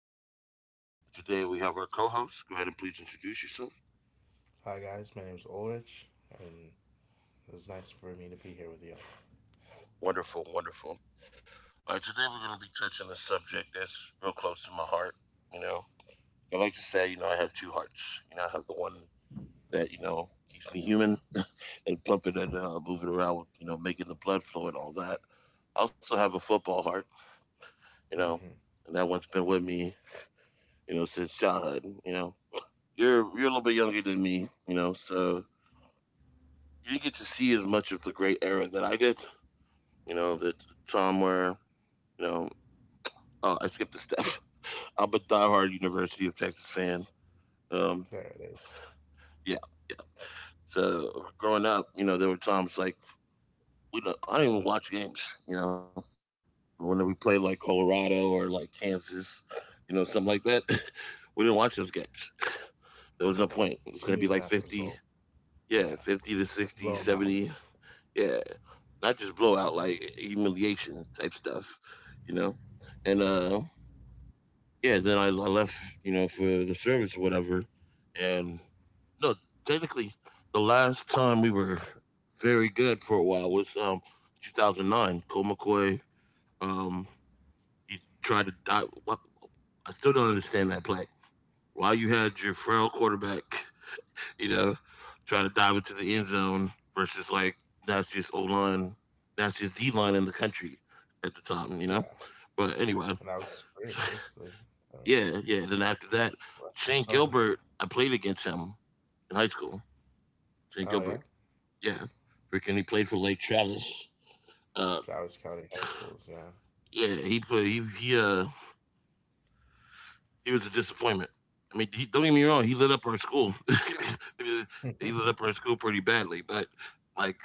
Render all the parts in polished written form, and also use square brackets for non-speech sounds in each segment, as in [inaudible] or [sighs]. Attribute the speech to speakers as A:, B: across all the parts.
A: podcast. Today we have our co-host. Go ahead and please introduce yourself.
B: Hi guys, my name's Ulrich, and it was nice for me to be here with y'all.
A: Wonderful, wonderful. All right, today we're going to be touching a subject that's real close to my heart. You know, I like to say, I have two hearts. I have the one that keeps me human and plumping and moving around, with, making the blood flow and all that. I also have a football heart. You know, and
B: hmm
A: that one's been with me, since childhood. You know, you're a little bit younger than me. So you didn't get to see as much of the great era that I did. The time where you know oh, I skipped a step. [laughs] I'm a diehard University of Texas fan. Um,
B: There it is.
A: yeah. So growing up, there were times like we don't, I didn't even watch games. You know, when we played like Colorado or like Kansas, something like that. [laughs] We didn't watch those games. There was no point. It was going
B: She
A: to be
B: knew
A: like
B: that
A: 50,
B: result.
A: yeah,
B: Yeah,
A: 50 to 60,
B: blow 'em out.
A: 70. Yeah, not just blowout, like humiliation type stuff, you know. And yeah, then I left, for the service or whatever. And no, technically, the last time we were very good for a while was 2009. Cole McCoy, um, he tried to die. I still don't understand that play. Why you had your frail quarterback you know, trying to dive into the end zone versus like Nastiest O line, Nastiest D line in the country at the time, you know?
B: Yeah,
A: But anyway,
B: and that was just great,
A: [laughs]
B: basically. Um,
A: yeah, yeah. Then after that,
B: so that's just
A: Shane
B: so.
A: Gilbert, I played against him in high school. Shane
B: Oh yeah,
A: Gilbert, yeah. Freaking, he played for Lake Travis. Uh,
B: Travis County High Schools. Yeah,
A: yeah, he played, he, he was a disappointment. I mean, don't get me wrong, he lit up our school. [laughs] He
B: Hmm.
A: lit up our school pretty badly, but like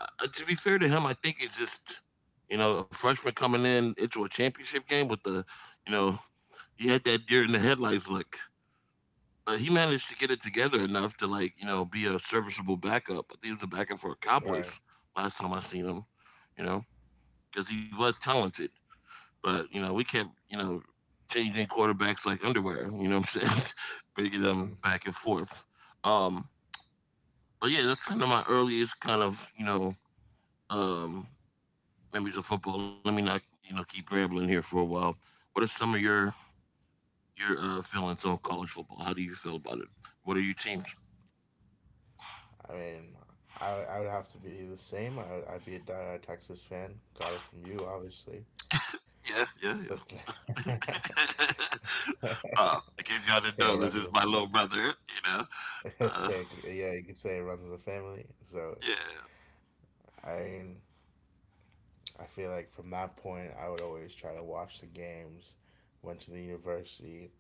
A: to be fair to him, I think it's just a freshman coming in into a championship game with the you know he had that deer in the headlights look, but he managed to get it together enough to like be a serviceable backup. I think he was a backup for Cowboys
B: Right.
A: last time I seen him, you know, because he was talented. But, we kept, changing quarterbacks like underwear, you know what I'm saying? [laughs] Bringing them
B: hmm
A: back and forth. Um, but yeah, that's kind of my earliest kind of, um, memories of football. Let me not, keep rambling here for a while. What are some of your feelings on college football? How do you feel about it? What are your teams?
B: I mean, I would have to be the same. I'd be a diehard Texas fan. Got it from you, obviously.
A: Yeah, yeah,
B: But
A: yeah.
B: [laughs]
A: [laughs] In case y'all didn't
B: say it
A: know, this
B: runs. A,
A: is my little brother.
B: [laughs]
A: Uh,
B: say yeah, you could say it runs as a family. So
A: yeah.
B: I I feel like from that point, I would always try to watch the games. Went to the university,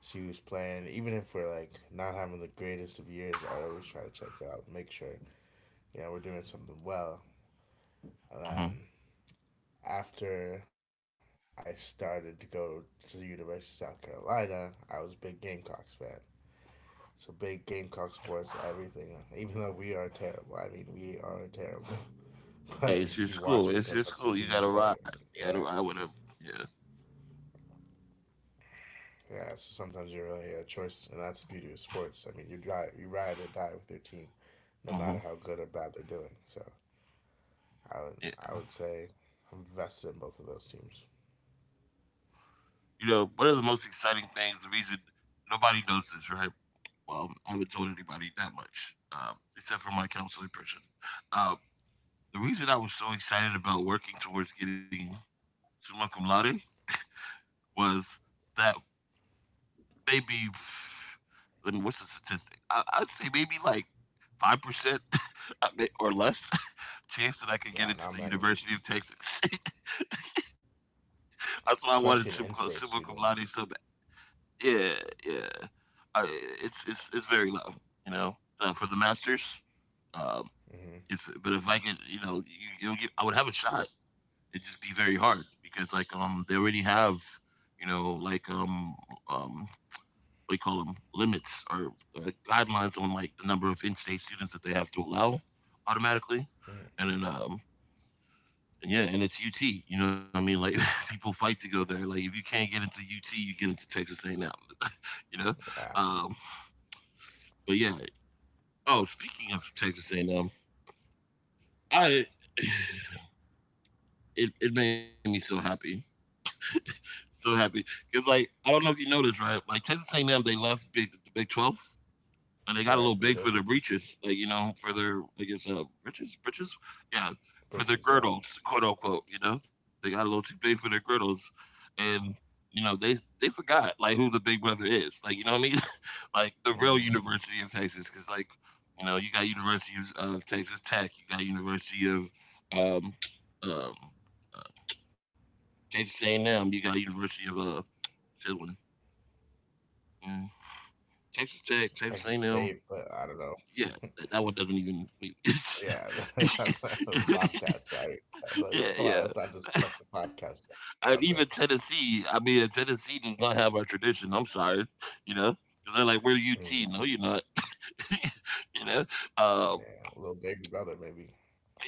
B: see who's playing. Even if we're like not having the greatest of years, I always try to check it out, make sure you know we're doing something well. And then after I started to go to the University of South Carolina, I was a big Gamecocks fan. So big Gamecock sports, everything. Even though we are terrible, I mean we are terrible, [laughs] but
A: Yeah, it's
B: you
A: your
B: watch
A: school.
B: because
A: It's your
B: that's the
A: school.
B: team
A: You
B: you're
A: gotta
B: for.
A: ride. You gotta
B: Yeah.
A: ride with him. Yeah.
B: Yeah, so sometimes you really a choice, and that's the beauty of sports. I mean, you drive, you ride or die with your team, no matter
A: Hmm.
B: how good or bad they're doing. So I would,
A: Yeah.
B: I would say I'm vested in both of those teams.
A: One of the most exciting things, the reason nobody knows this, right? Well, I haven't told anybody that much, except for my counseling person. Um, the reason I was so excited about working towards getting summa cum laude was that maybe, what's the statistic? I'd say maybe like 5% [laughs] or less
B: Yeah,
A: chance that
B: not
A: I could get
B: many,
A: into the University of Texas. [laughs] That's
B: especially
A: why I
B: an
A: wanted
B: in-state
A: super,
B: student.
A: super cum laude so bad. Yeah, yeah. I, it's very low, you know, for the masters. Um,
B: hmm
A: if but if I could, I would have a shot. It'd just be very hard because like they already have, you know, like um um what do you call them limits or guidelines on like the number of in-state students that they have to allow automatically,
B: hmm
A: and then yeah, and it's UT. You know what I mean? Like, [laughs] people fight to go there. Like if you can't get into UT, you get into Texas A&M. You know.
B: Yeah,
A: Um, but yeah. Oh, speaking of Texas A&M, I [sighs] it made me so happy because like I don't know if you know this, right? Like Texas A&M, they left Big the Big 12 and they got a little big
B: right.
A: for
B: They
A: their
B: did
A: breeches, like, for their, I guess, breeches, yeah, for their
B: bridges. Yeah.
A: girdles, quote unquote. They got a little too big for their girdles, and they forgot like who the big brother is, like you know what I mean, [laughs] like the
B: hmm
A: real University of Texas, because like you got University of Texas Tech, you got University of um um uh, Texas A&M, you got University of what's the other one? Mm, Texas Tech,
B: Texas
A: Texas
B: State,
A: A&M,
B: but I don't know.
A: yeah, that one doesn't even. [laughs]
B: Yeah, [laughs] that's like the Bobcats. I
A: Yeah,
B: like, come
A: yeah.
B: on, let's not just make the Bobcats
A: And
B: out
A: even
B: there.
A: Tennessee, I mean, Tennessee does not have our tradition. I'm sorry, you know, 'cause they're like, we're UT.
B: Hmm.
A: No, you're not. [laughs] you know, um,
B: Yeah, little baby brother, maybe.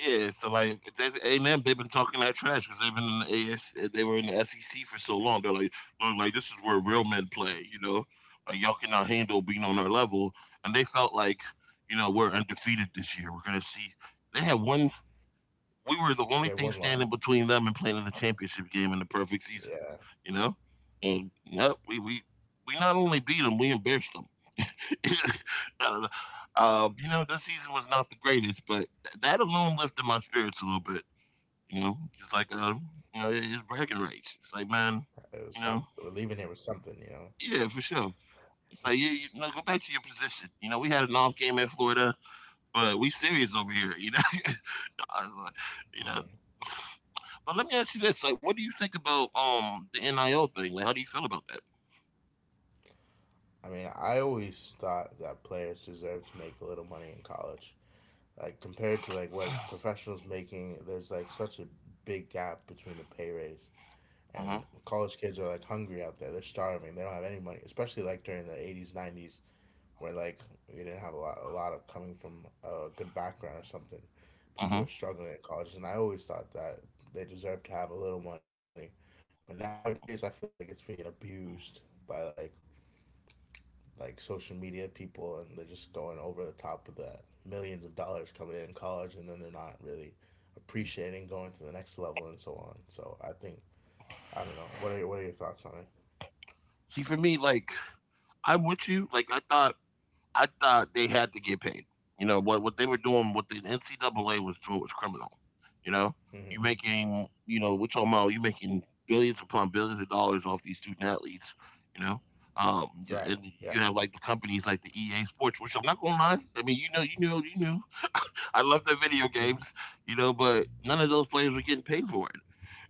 A: yeah. So like, that's A and M. They've been talking that trash because they've been in the AS. uh, They were in the SEC for so long. They're like, look, like this is where real men play. Like y'all cannot handle being on our level. And they felt like, we're undefeated this year. We're gonna see. They had one We were the
B: Yeah,
A: only thing
B: one loss.
A: standing between them and playing in the championship game in the perfect season,
B: Yeah,
A: you know. And yeah, we not only beat them, we embarrassed them. [laughs] I don't know. This season was not the greatest, but that alone lifted my spirits a little bit. It's like it's bragging rights. It's like, man,
B: it was
A: you know,
B: something. Leaving here was something, you know.
A: yeah, for sure. It's like, yeah, go back to your position. You know, we had an off game in Florida, but we serious over here. You know, [laughs] I was like, you know.
B: Mm.
A: But let me ask you this: like, what do you think about the NIL thing? Like, how do you feel about that?
B: I mean, I always thought that players deserved to make a little money in college. Like compared to like what professionals making, there's like such a big gap between the pay raise
A: Mm-hmm.
B: and college kids are like hungry out there. They're starving. They don't have any money, especially like during the 80s, 90s. Where we didn't have a lot of coming from a good background or something. People
A: Mm-hmm.
B: were struggling at college, and I always thought that they deserved to have a little money. But nowadays, I feel like it's being abused by like social media people, and they're just going over the top of that millions of dollars coming in college, and then they're not really appreciating going to the next level and so on. So I don't know. What are your thoughts on it?
A: See, for me, like, I'm with you. Like, I thought they had to get paid. You know what? What they were doing, what the NCAA was doing, was criminal. You know, you
B: Hmm.
A: making, you know, we're talking about you making billions upon billions of dollars off these student athletes. You know, and
B: Right.
A: you have
B: Yeah.
A: like the companies like the EA Sports, which I'm not gonna lie. I mean, you knew. I love their video
B: Hmm.
A: games, but none of those players were getting paid for it.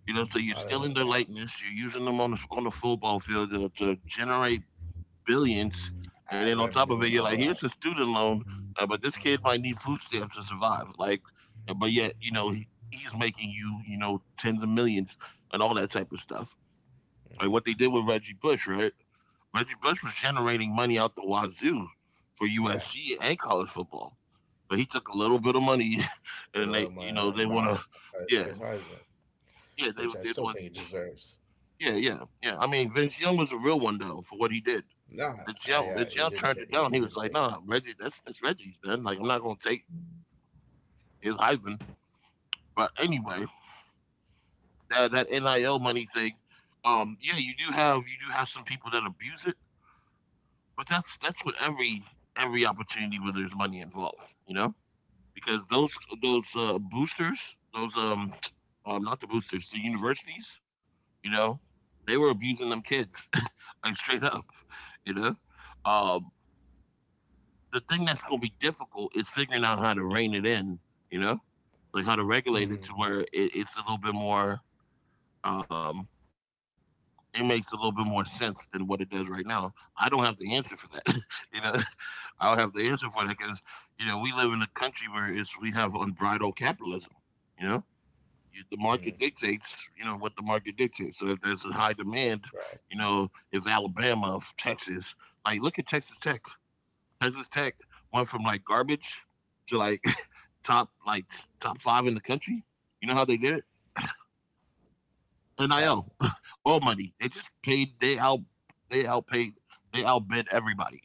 A: So you're stealing their
B: Yeah.
A: likeness. You're using them on the football field to generate billions, and then
B: Ad
A: on top of
B: revenue
A: it,
B: and
A: you're like,
B: all
A: here's
B: that.
A: a student loan, but this kid might need food stamps to survive. Like, but yet, he's making you, tens of millions and all that type of stuff. Like what they did with Reggie Bush, right? Reggie Bush was generating money out the wazoo for
B: Yeah.
A: USC and college football, but he took a little bit of money, [laughs] and then
B: Took a lot of my
A: they
B: ass
A: want to,
B: high. I
A: yeah,
B: took his Heisman,
A: yeah, they
B: which I
A: want
B: still think he deserves.
A: Yeah, yeah, yeah. I mean, Vince Young was a real one though for what he did.
B: Nah, I
A: Vince
B: he
A: Young
B: didn't
A: turned it down. He
B: he
A: was
B: didn't
A: like,
B: take it.
A: "Nah, Reggie, that's Reggie's, man. Like, I'm not gonna take his Heisman." But anyway, that NIL money thing, yeah, you do have some people that abuse it, but that's what every opportunity where there's money involved, you know, because those boosters, those [tsk] not the boosters, the universities, you know, they were abusing them kids [laughs] like straight up, you know. Um, the thing that's going to be difficult is figuring out how to rein it in, you know, like how to regulate
B: Mm-hmm.
A: it to where it's a little bit more, um, it makes a little bit more sense than what it does right now. I don't have the answer for that, [laughs] you know. I don't have the answer for that because we live in a country where it's we have unbridled capitalism, you know. The
B: Mm.
A: market dictates, what the market dictates. So if there's a high
B: Right.
A: demand, if Alabama, Texas, like look at Texas Tech, Texas Tech went from like garbage to like, [laughs] top, like, top five in the country. You know how they did it?
B: How?
A: NIL, [laughs] all money. They just paid. They outpaid. They outbid everybody.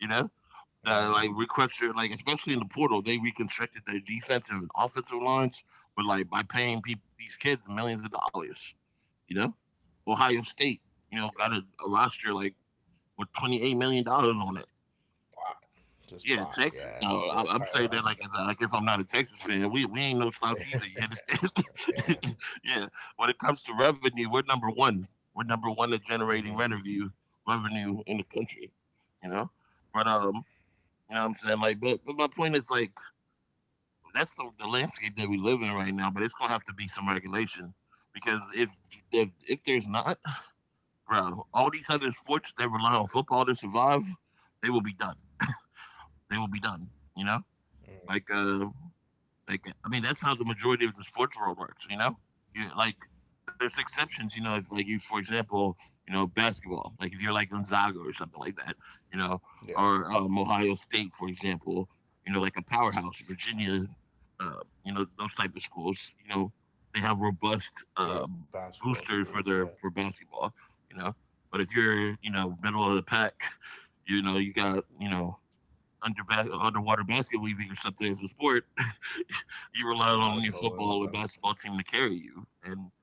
A: You know,
B: Mm.
A: like reconstruct like especially in the portal, they reconstructed their defensive and offensive lines, but like by paying people these kids millions of dollars. You know, Ohio State, you know, got a roster like with $28 million on it.
B: Bot. Just
A: Yeah,
B: bot.
A: Texas.
B: Yeah.
A: No,
B: The
A: I'm
B: entire
A: saying that
B: roster.
A: like as a, like if I'm not a Texas fan, we ain't no slouch either. You
B: Yeah.
A: understand? [laughs] Yeah. When it comes to revenue, we're number one. We're number one at
B: Mm-hmm.
A: generating revenue in the country. You know, but you know what I'm saying like, but my point is like that's the landscape that we live in right now. But it's gonna have to be some regulation because if there's not, bro, all these other sports that rely on football to survive, they will be done. They will be done. You know,
B: Mm.
A: like uh like, I mean, that's how the majority of the sports world works, you know? You, like, there's exceptions, you know, if, like, you, for example, you know, basketball, like if you're like Gonzaga or something like that, you know,
B: Yeah.
A: or Ohio State, for example, you know, like a powerhouse, Virginia, you know, those type of schools, you know, they have robust
B: Pure basketball
A: boosters for
B: schools. Yeah.
A: their for basketball, you know. But if you're, you know, middle of the pack, you know, you got, you know, underwater basketball league or something as a sport, you rely
B: A lot
A: on
B: of
A: your
B: polo and
A: football or
B: some.
A: basketball team to carry you. And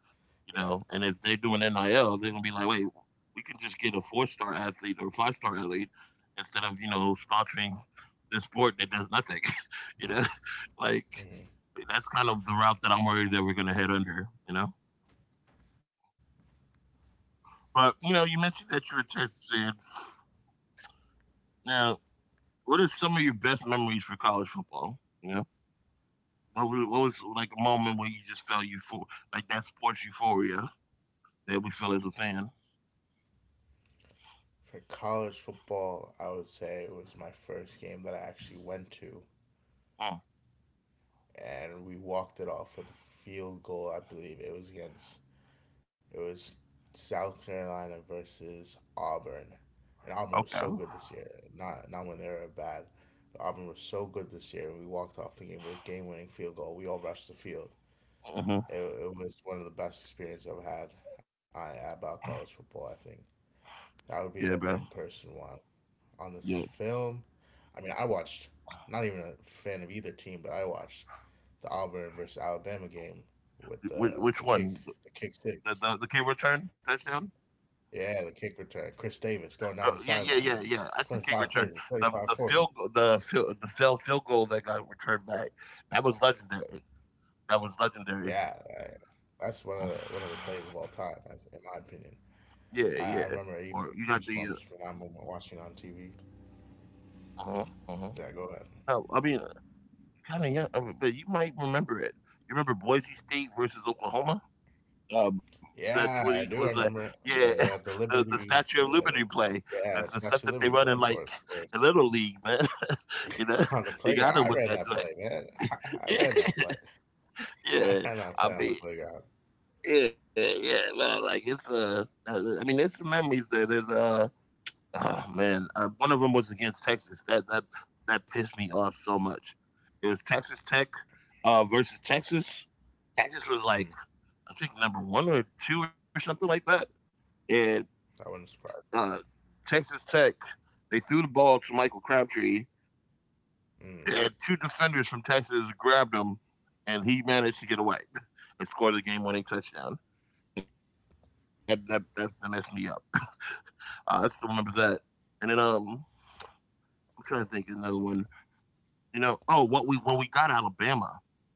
A: you
B: Yeah.
A: know, and if they do an NIL, they're gonna be like, wait, we can just get a four-star athlete or five-star athlete instead of, you know, sponsoring this sport that does nothing. [laughs] You know? [laughs] Like
B: Mm-hmm.
A: that's kind of the route that I'm worried that we're gonna head under, you know? But you know, you mentioned that you were Texas fan. Now, what are some of your best memories for college football? You know? What was like a moment where you just felt you for like that sports euphoria that we felt as a fan?
B: For college football, I would say it was my first game that I actually went to,
A: Mm,
B: and we walked it off with a field goal. I believe it was South Carolina versus Auburn, and Auburn was
A: okay.
B: so good this year. Not not when they were bad. Auburn was so good this year. We walked off the game with a game-winning field goal. We all rushed the field.
A: Hmm.
B: It was one of the best experiences I've had about college football. I think that would be
A: Yeah,
B: the
A: bro.
B: in-person one. On the
A: Yeah.
B: film, I mean, I watched. Not even a fan of either team, but I watched the Auburn versus Alabama game with
A: Which
B: the
A: one?
B: kick the
A: The,
B: kick
A: the the
B: six.
A: kick return touchdown?
B: Yeah, the kick return. Chris Davis going down the
A: Yeah,
B: sideline.
A: yeah, yeah, yeah.
B: twenty
A: I said
B: five
A: kick
B: thirty,
A: return.
B: 35
A: The
B: 40.
A: field go- the field the failed field goal that got returned back. That was legendary. That was legendary.
B: Yeah, I- that's one of one of the plays of all time, I- in my
A: [sighs] Yeah,
B: opinion.
A: yeah.
B: I,
A: Or
B: I
A: you got
B: remember
A: the.
B: even goosebumps from that moment watching it on TV.
A: Uh huh, uh-huh.
B: Yeah, go
A: No,
B: ahead.
A: I mean kind of young, I mean, but you might remember it. You remember Boise State versus Oklahoma? um the
B: Yeah,
A: 20
B: I
A: was
B: do.
A: that?
B: I remember it.
A: Yeah.
B: They had
A: [laughs]
B: the
A: The
B: Liberty,
A: statue of liberty play, that's
B: yeah,
A: the
B: the
A: stuff that
B: Statue of
A: they
B: Liberty
A: run in
B: play, of
A: like
B: course, of
A: a
B: course.
A: little league, man. [laughs] You know,
B: On the
A: they
B: playground,
A: got him
B: I
A: with
B: ran
A: that
B: that
A: joint.
B: play, man. [laughs]
A: [laughs]
B: I
A: Yeah,
B: ran that play. [laughs] I
A: yeah.
B: ran that
A: I
B: play on the
A: mean,
B: playground.
A: yeah, yeah, man, like it's I mean there's some memories there, there's uh oh, man. One of them was against Texas that pissed me off so much. It was Texas Tech versus Texas. Texas was
B: Mm,
A: like I think number one or two or something like that. And
B: that wouldn't surprise
A: uh, Texas Tech, they threw the ball to Michael Crabtree,
B: me.
A: and two defenders from Texas grabbed him, and he managed to get away [laughs] and score the game-winning touchdown. That messed me up. I still remember that. And then I'm trying to think of another one. You know, oh, what we when we got Alabama,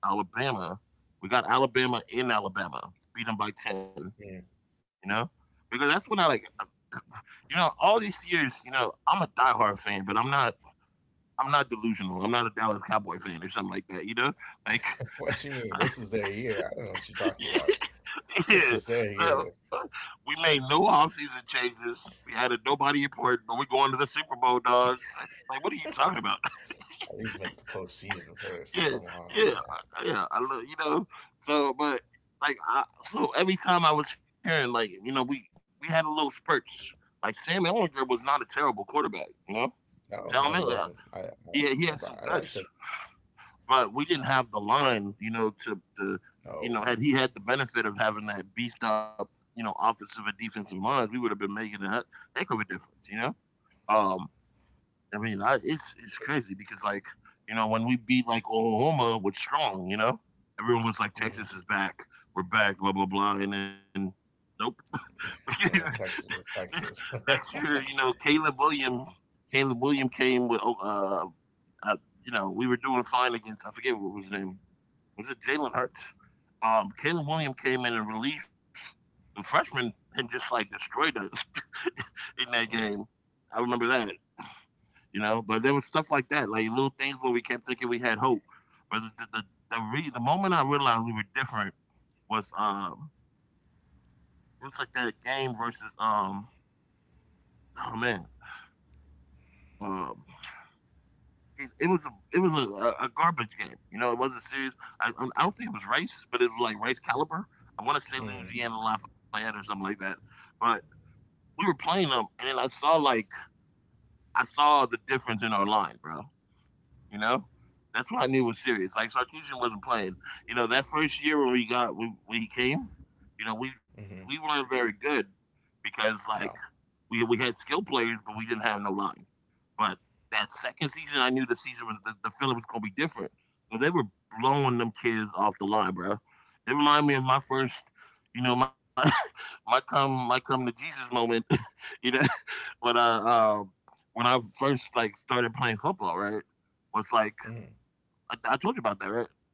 A: Alabama, we got Alabama in Alabama, beat them by 10.
B: Mm,
A: You know, because that's when I like, you know, all these years, you know, I'm a diehard fan, but I'm not delusional. I'm not a Dallas Cowboy fan or something like that. You know, like.
B: what you mean?
A: [laughs]
B: This is their year. I don't know what you're talking about. This
A: Yeah,
B: is their
A: no,
B: year.
A: we made no offseason changes. We added nobody important, but we're going to the Super Bowl, dog. Like, what are you talking about?
B: At least make the postseason
A: [laughs]
B: first.
A: Yeah,
B: Come on,
A: yeah,
B: man.
A: yeah. I love you know. So, but like, I, so every time I was hearing, like, you know, we had a little spurts. Like Sam Ellinger was not a terrible quarterback, you know.
B: No, no,
A: Sam
B: he wasn't.
A: Ellinger, he
B: I
A: he
B: thought
A: had
B: I
A: some
B: liked him.
A: guts. But we didn't have the line, you know, to
B: No.
A: you know, had he had the benefit of having that beefed up, you know, offensive and defensive lines, we would have been making a heck of a difference, you know. Um, I mean, I, it's crazy because like you know when we beat like Oklahoma with strong, you know, everyone was like Texas
B: Mm.
A: is back, we're back, blah blah blah, and then nope. [laughs]
B: And then Texas was Texas.
A: Next year, you
B: [laughs]
A: know, Caleb Williams, Caleb Williams came with uh, uh, you know, we were doing fine against I forget what was his name, was it Jalen Hurts? Caleb Williams came in relief. The freshman and just like destroyed us [laughs] in that game.
B: Mm.
A: I remember that, you know. But there was stuff like that, like little things where we kept thinking we had hope. But the moment I realized we were different was, it was like that game versus, oh, man. um it was a garbage game. You know, it wasn't serious. I I don't think it was Rice, but it was like Rice caliber. I want to say
B: Mm.
A: Louisiana Lafayette or something like that. But we were playing them, and then I saw the difference in our line, bro. You know, that's what I knew was serious. Like Sarkeesian wasn't playing. You know, that first year when he came, you know, we
B: Hmm.
A: weren't very good because like
B: No.
A: we had skill players, but we didn't have no line. But that second season, I knew the feeling was gonna be different. But they were blowing them kids off the line, bro. It reminded me of my first, you know, my [laughs] my come my come to Jesus moment. [laughs] You know, when I um when I first like started playing football, right? Was like
B: Mm.
A: I told you about that, right?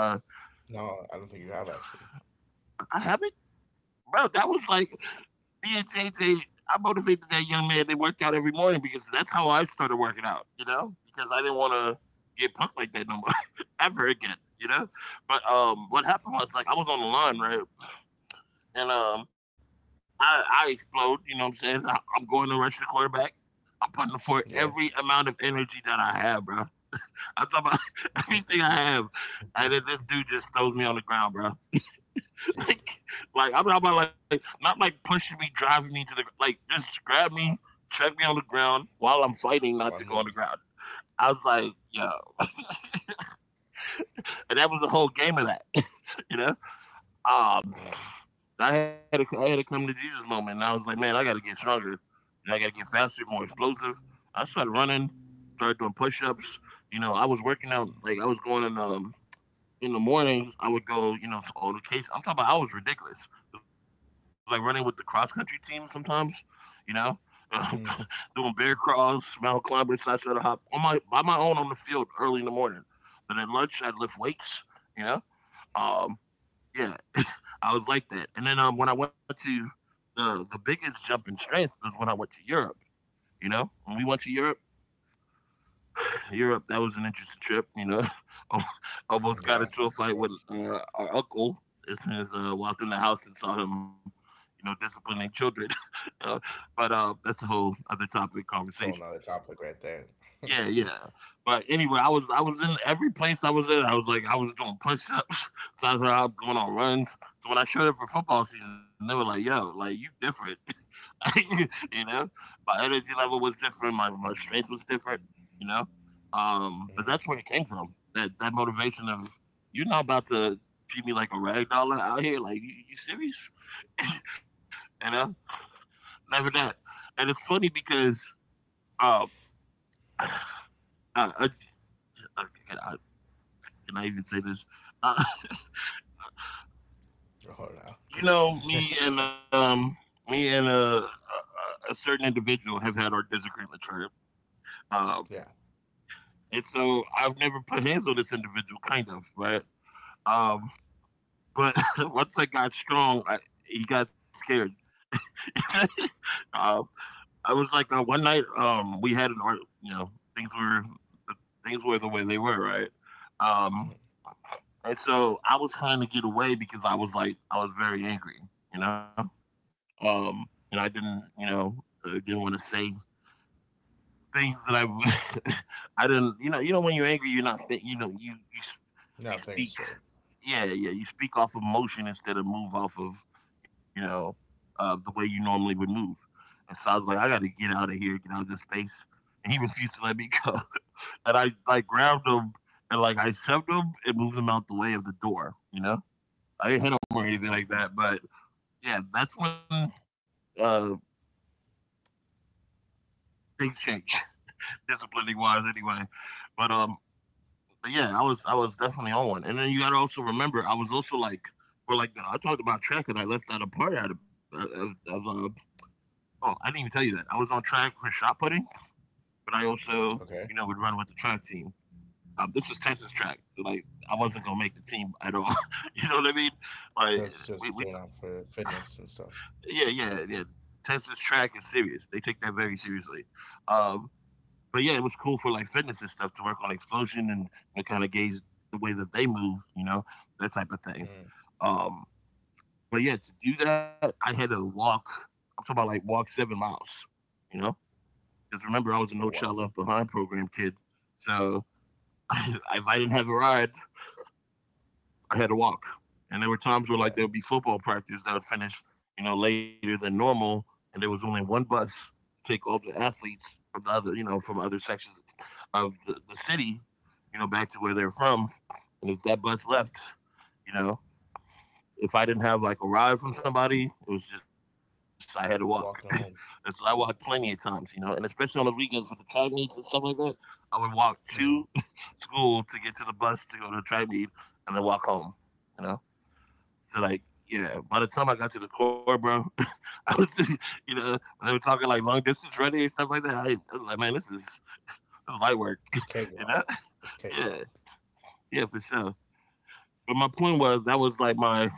A: Uh,
B: No, I don't think you have actually.
A: I haven't, bro. That was like me and JJ, I motivated that young man. They worked out every morning because that's how I started working out. You know, because I didn't want to get pumped like that no more [laughs] ever again. You know, but what happened was like I was on the line right, and I explode. You know what I'm saying? I'm going to rush the quarterback. I'm putting
B: Yeah.
A: forth every amount of energy that I have, bro. I'm talking about [laughs] everything I have, and then this dude just throws me on the ground, bro. [laughs]
B: Gee.
A: like, like I'm talking about like not like pushing me, driving me to the like just grab me, check me on the ground while I'm fighting
B: One
A: not to go on
B: movement.
A: the ground. I was like, yo, and that was the whole game of that, [laughs] you know. Um, I had a come to Jesus moment, and I was like, man, I got to get stronger, and I got to get faster, more explosive. I started running, started doing push ups. You know, I was working out like I was going in the mornings, I would go, you know, to older kids. I'm talking about I was ridiculous. It was like running with the cross country team sometimes, you know.
B: Mm. Mm.
A: [laughs] Doing bear crawls, mountain climbing, side saddle hop on my by my own on the field early in the morning. Then at lunch, I'd lift weights, you know. Um, yeah, I was like that. And then when I went to the biggest jump in strength was when I went to Europe. You know, when we went to Europe, Europe. That was an interesting trip. You know, [laughs] almost
B: Yeah.
A: got into a
B: Of
A: fight
B: course.
A: with our uncle as soon as walked in the house and saw him, you know, disciplining children. [laughs] uh, but that's a whole other topic conversation.
B: Whole another topic right there.
A: Yeah, yeah. But anyway, I was in every place I was in. I was like I was doing push ups. [laughs] So I was going on runs. So when I showed up for football season, they were like, "Yo, like you different." [laughs] You know, my energy level was different. My strength was different. You know, but that's
B: Mm.
A: where it came from. That motivation of you're not about to treat me like a rag doll out here. Like you serious? [laughs] You know, never that. And it's funny because um, [sighs] I, I, can I even say this? Uh,
B: Oh
A: [laughs] you know,
B: no.
A: me
B: [laughs]
A: and a certain individual have had our disagreement, right?
B: yeah.
A: And so I've never put hands on this individual, kind of, right? Um, but [laughs] once I got strong, he got scared. [laughs] uh, I was like, one night, we had an art, you know, things were things were the way they were, right? Um,
B: Mm.
A: and so I was trying to get away because I was very angry, you know, um, and I didn't, you know, didn't want to say things [laughs] I didn't, you know, when you're angry, you're not, you know,
B: Now I'm
A: you
B: thinking
A: speak.
B: straight.
A: Yeah, yeah. You speak off of motion instead of move off of, you know, the way you normally would move. And so I was like, I got to get out of here, get out of this space. And he refused to let me go. [laughs] And I like grabbed him and like I shoved him and moved him out the way of the door. You know, I didn't hit him or
B: Mm.
A: anything like that. But yeah, that's when uh, things change, [laughs] disciplining wise, anyway. But um, But yeah, I was definitely on one. And then you gotta also remember, I was also like, for like I talked about track and I left out a part out of. Oh, I didn't even tell you that I was on track for shot putting, but I also
B: Okay.
A: you know would run with the track team. This is Texas track, like I wasn't gonna make the team at all. [laughs] You know what I mean? Like
B: Just doing
A: we
B: out for fitness and stuff.
A: yeah, yeah, yeah. Texas track is serious. They take that very seriously. Um, But yeah, it was cool for like fitness and stuff to work on explosion, and kind of gauge the way that they move, you know, that type of
B: Mm.
A: thing. Um, but yeah, to do that, I had to walk. I'm talking about like walk 7 miles, you know, because
B: Oh
A: remember I was a
B: wow.
A: No Child Left Behind program kid, so [laughs] if I didn't have a ride, I had to walk. And there were
B: Yeah.
A: times where like there would be football practice that would finish, you know, later than normal, and there was only one bus to take all the athletes from the other, you know, from other sections of the city, you know, back to where they're from. And if that bus left, you know, if I didn't have like a ride from somebody, it was just I had to walk. [laughs]
B: Walking
A: And so
B: home.
A: I walked plenty of times, you know, and especially on those weekends with the track meets and stuff like that, I would walk to
B: Mm.
A: [laughs] school to get to the bus to go to the track meet and then walk home, you know. So like, yeah, by the time I got to the core, bro, [laughs] I was, just, you know, when they were talking like long distance running and stuff like that, I was like, man, this is light
B: It's
A: work. [laughs]
B: cakewalk.
A: You know? [laughs]
B: It's cakewalk.
A: Yeah, yeah, for sure. But my point was that was like my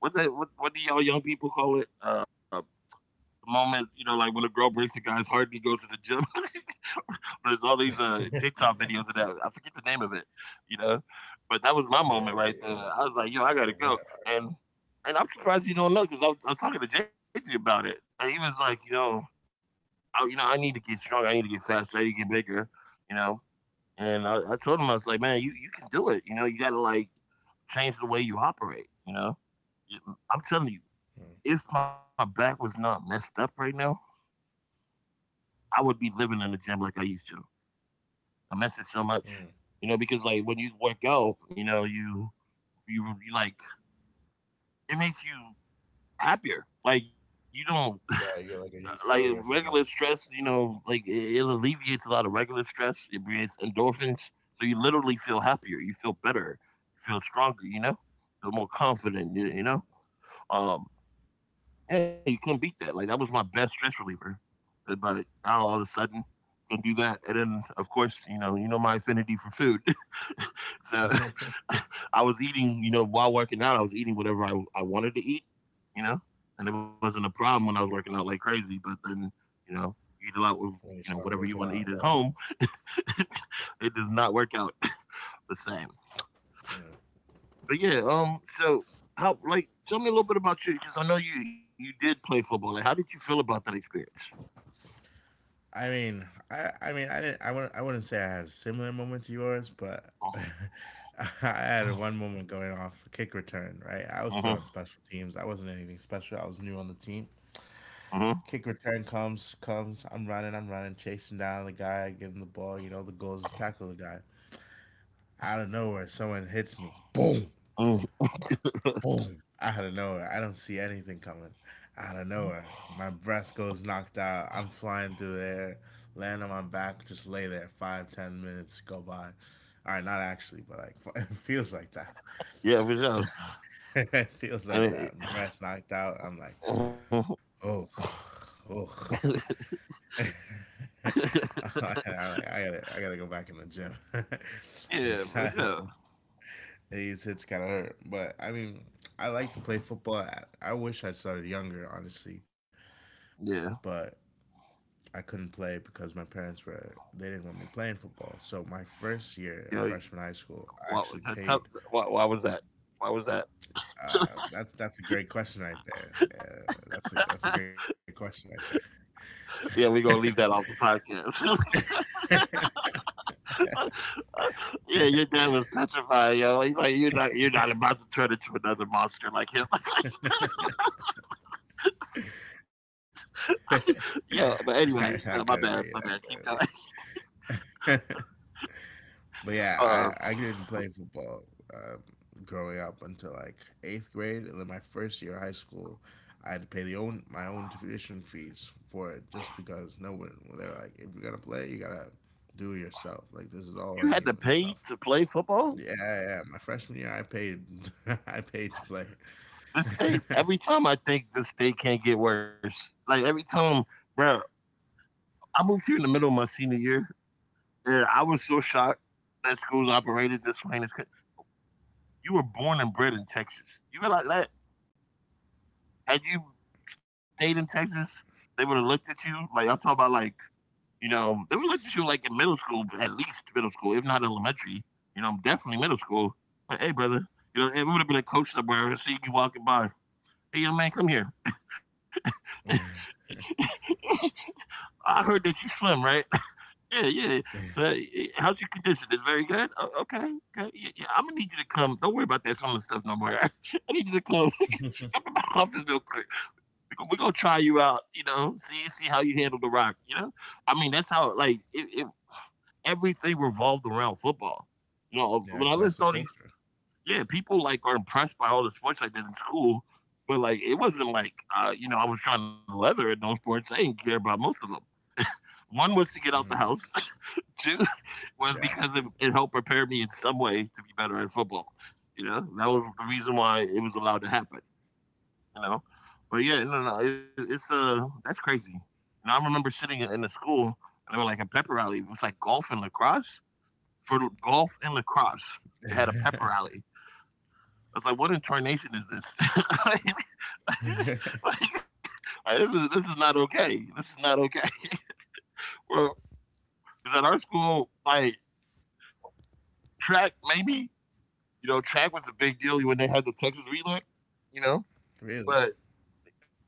A: what do y'all young people call it? The moment, you know, like when a girl breaks a guy's heart, and he goes to the gym. [laughs] There's all these TikTok videos of that. I forget the name of it, you know. But that was
B: Yeah,
A: my moment
B: you're,
A: right there. I was like, yo,
B: you're a
A: I
B: winner.
A: gotta go. And I'm surprised you don't know because I was talking to JJ about it, and he was like, you know, I need to get stronger. I need to get faster. I need to get bigger, you know. And I told him I was like, man, you can do it. You know, you gotta like change the way you operate. You know, You-
B: Mm.
A: I'm telling you, if my back was not messed up right now, I would be living in the gym like I used to. I
B: Mm.
A: miss it so much. You know, because like when you work out, you know, you like it makes you happier. Like you don't [laughs]
B: Yeah, you get like a
A: like
B: euphoria from it.
A: regular stress. You know, like it alleviates a lot of regular stress. It creates endorphins, so you literally feel happier. You feel better. You feel stronger. You know, feel more
B: Mm.
A: confident. You know, um, yeah, you couldn't beat that, like, that was my best stress reliever, but now all of a sudden, can do that, and then, of course, you know my affinity for food. [laughs] So,
B: [laughs]
A: [laughs] I was eating, you know, while working out, I was eating whatever I wanted to eat, you know, and it wasn't a problem when I was working out like crazy, but then, you know, you eat a lot with,
B: when you
A: you know,
B: stop
A: whatever you
B: working
A: wanna
B: out,
A: eat at home, [laughs] it does not work out [laughs] the same. But yeah, so how like tell me a little bit about you because I know you did play football. Like, how did you feel about that experience?
B: yeah. I mean, I wouldn't say I had a similar moment to yours, but [laughs]
A: Oh,
B: I had one moment going off a kick return, right? I was put on
A: mhm,
B: special teams. I wasn't anything special. I was new on the team.
A: mhm,
B: Comes. I'm running, chasing down the guy, getting the ball. You know, the goal is to tackle the guy. Out of nowhere, someone hits me. Boom,
A: mhm.
B: boom. Out of nowhere. I don't see anything coming. Out of nowhere. My breath goes knocked out. I'm flying through the air, land on my back, just lay there. Five, 10 minutes go by. All right, not actually, but like, [laughs] it feels like that.
A: Yeah, for sure.
B: [laughs] it feels
A: I
B: like
A: mean,
B: that. Breath knocked out. I'm like,
A: mhm.
B: oh, oh.
A: [laughs]
B: [laughs] I, I gotta go back in the gym. [laughs]
A: Yeah,
B: it's,
A: for
B: not-
A: sure.
B: it's kind of [laughs] hurt, but I mean, I like to play football. I wish I started younger, honestly,
A: Yeah,
B: but I couldn't play because my parents were they didn't want me playing football. So my first year of freshman
A: yeah.
B: high school, I actually
A: Why,
B: paid.
A: why was that? Why was that?
B: That's a great question right there. That's a great question right
A: Yeah, we're
B: there.
A: gonna leave that off the podcast. [laughs] Yeah, your dad was petrified, yo. He's like, you're not about to turn into another monster like him. [laughs]
B: [laughs]
A: yeah, but anyway, my
B: I,
A: bad,
B: that
A: my
B: could
A: bad.
B: be.
A: Keep
B: That
A: going. [laughs]
B: could be. [laughs] But
A: Uh,
B: yeah, I didn't play football um, growing up until like eighth grade, and then my first year of high school, I had to pay the own my own tuition fees for it just because no one they were like, if you're gonna play, you gotta do it yourself. Like this is all on
A: you had to
B: you and
A: pay
B: stuff.
A: to play football?
B: Yeah, My freshman year, I paid [laughs] I paid to play.
A: This state,
B: [laughs]
A: every time I think this state can't get worse. Like every time, bro, I moved here in the middle of my senior year, and I was so shocked that schools operated this way. In you were born and bred in Texas. You realize that? Had you stayed in Texas, they would have looked at you like I'm talking about, like you know, they would look at you like in middle school, at least middle school, if not elementary. You know, definitely middle school. Like, hey, brother, you know, it would have been a coach somewhere and see you walking by. Hey, young man, come here. [laughs] I heard that you slim, right? [laughs] Yeah, yeah.
B: yeah,
A: So, eh, how's your condition? It's very good. Okay, okay. Yeah, yeah. I'm gonna need you to come. Don't worry about that summer stuff no more. [laughs] I need you to come. [laughs] Come to my office real quick. We gonna try you out. You know, see how you handle the rock. You know, I mean that's how like it, everything revolved around football. You know, when
B: because
A: I
B: that's the
A: list all these,
B: culture.
A: yeah, people like are impressed by all the sports I did in school, but like it wasn't like you know I was trying to leather in those sports. I didn't care about most of them. One was to get out the
B: Mm,
A: house. [laughs] Two was
B: yeah,
A: because it helped prepare me in some way to be better at football. You know, that was the reason why it was allowed to happen. You know, but yeah, no, no, it's that's crazy. And I remember sitting in the school and they were like a pep rally. It was like golf and lacrosse for golf and lacrosse. They had a pep rally. I was like, what in tarnation is this? [laughs] like,
B: [laughs]
A: like, like, this is not okay. This is not okay. [laughs] Well, because at our school, like track maybe. You know, track was a big deal when they had the Texas relay. You know,
B: really,
A: but oh,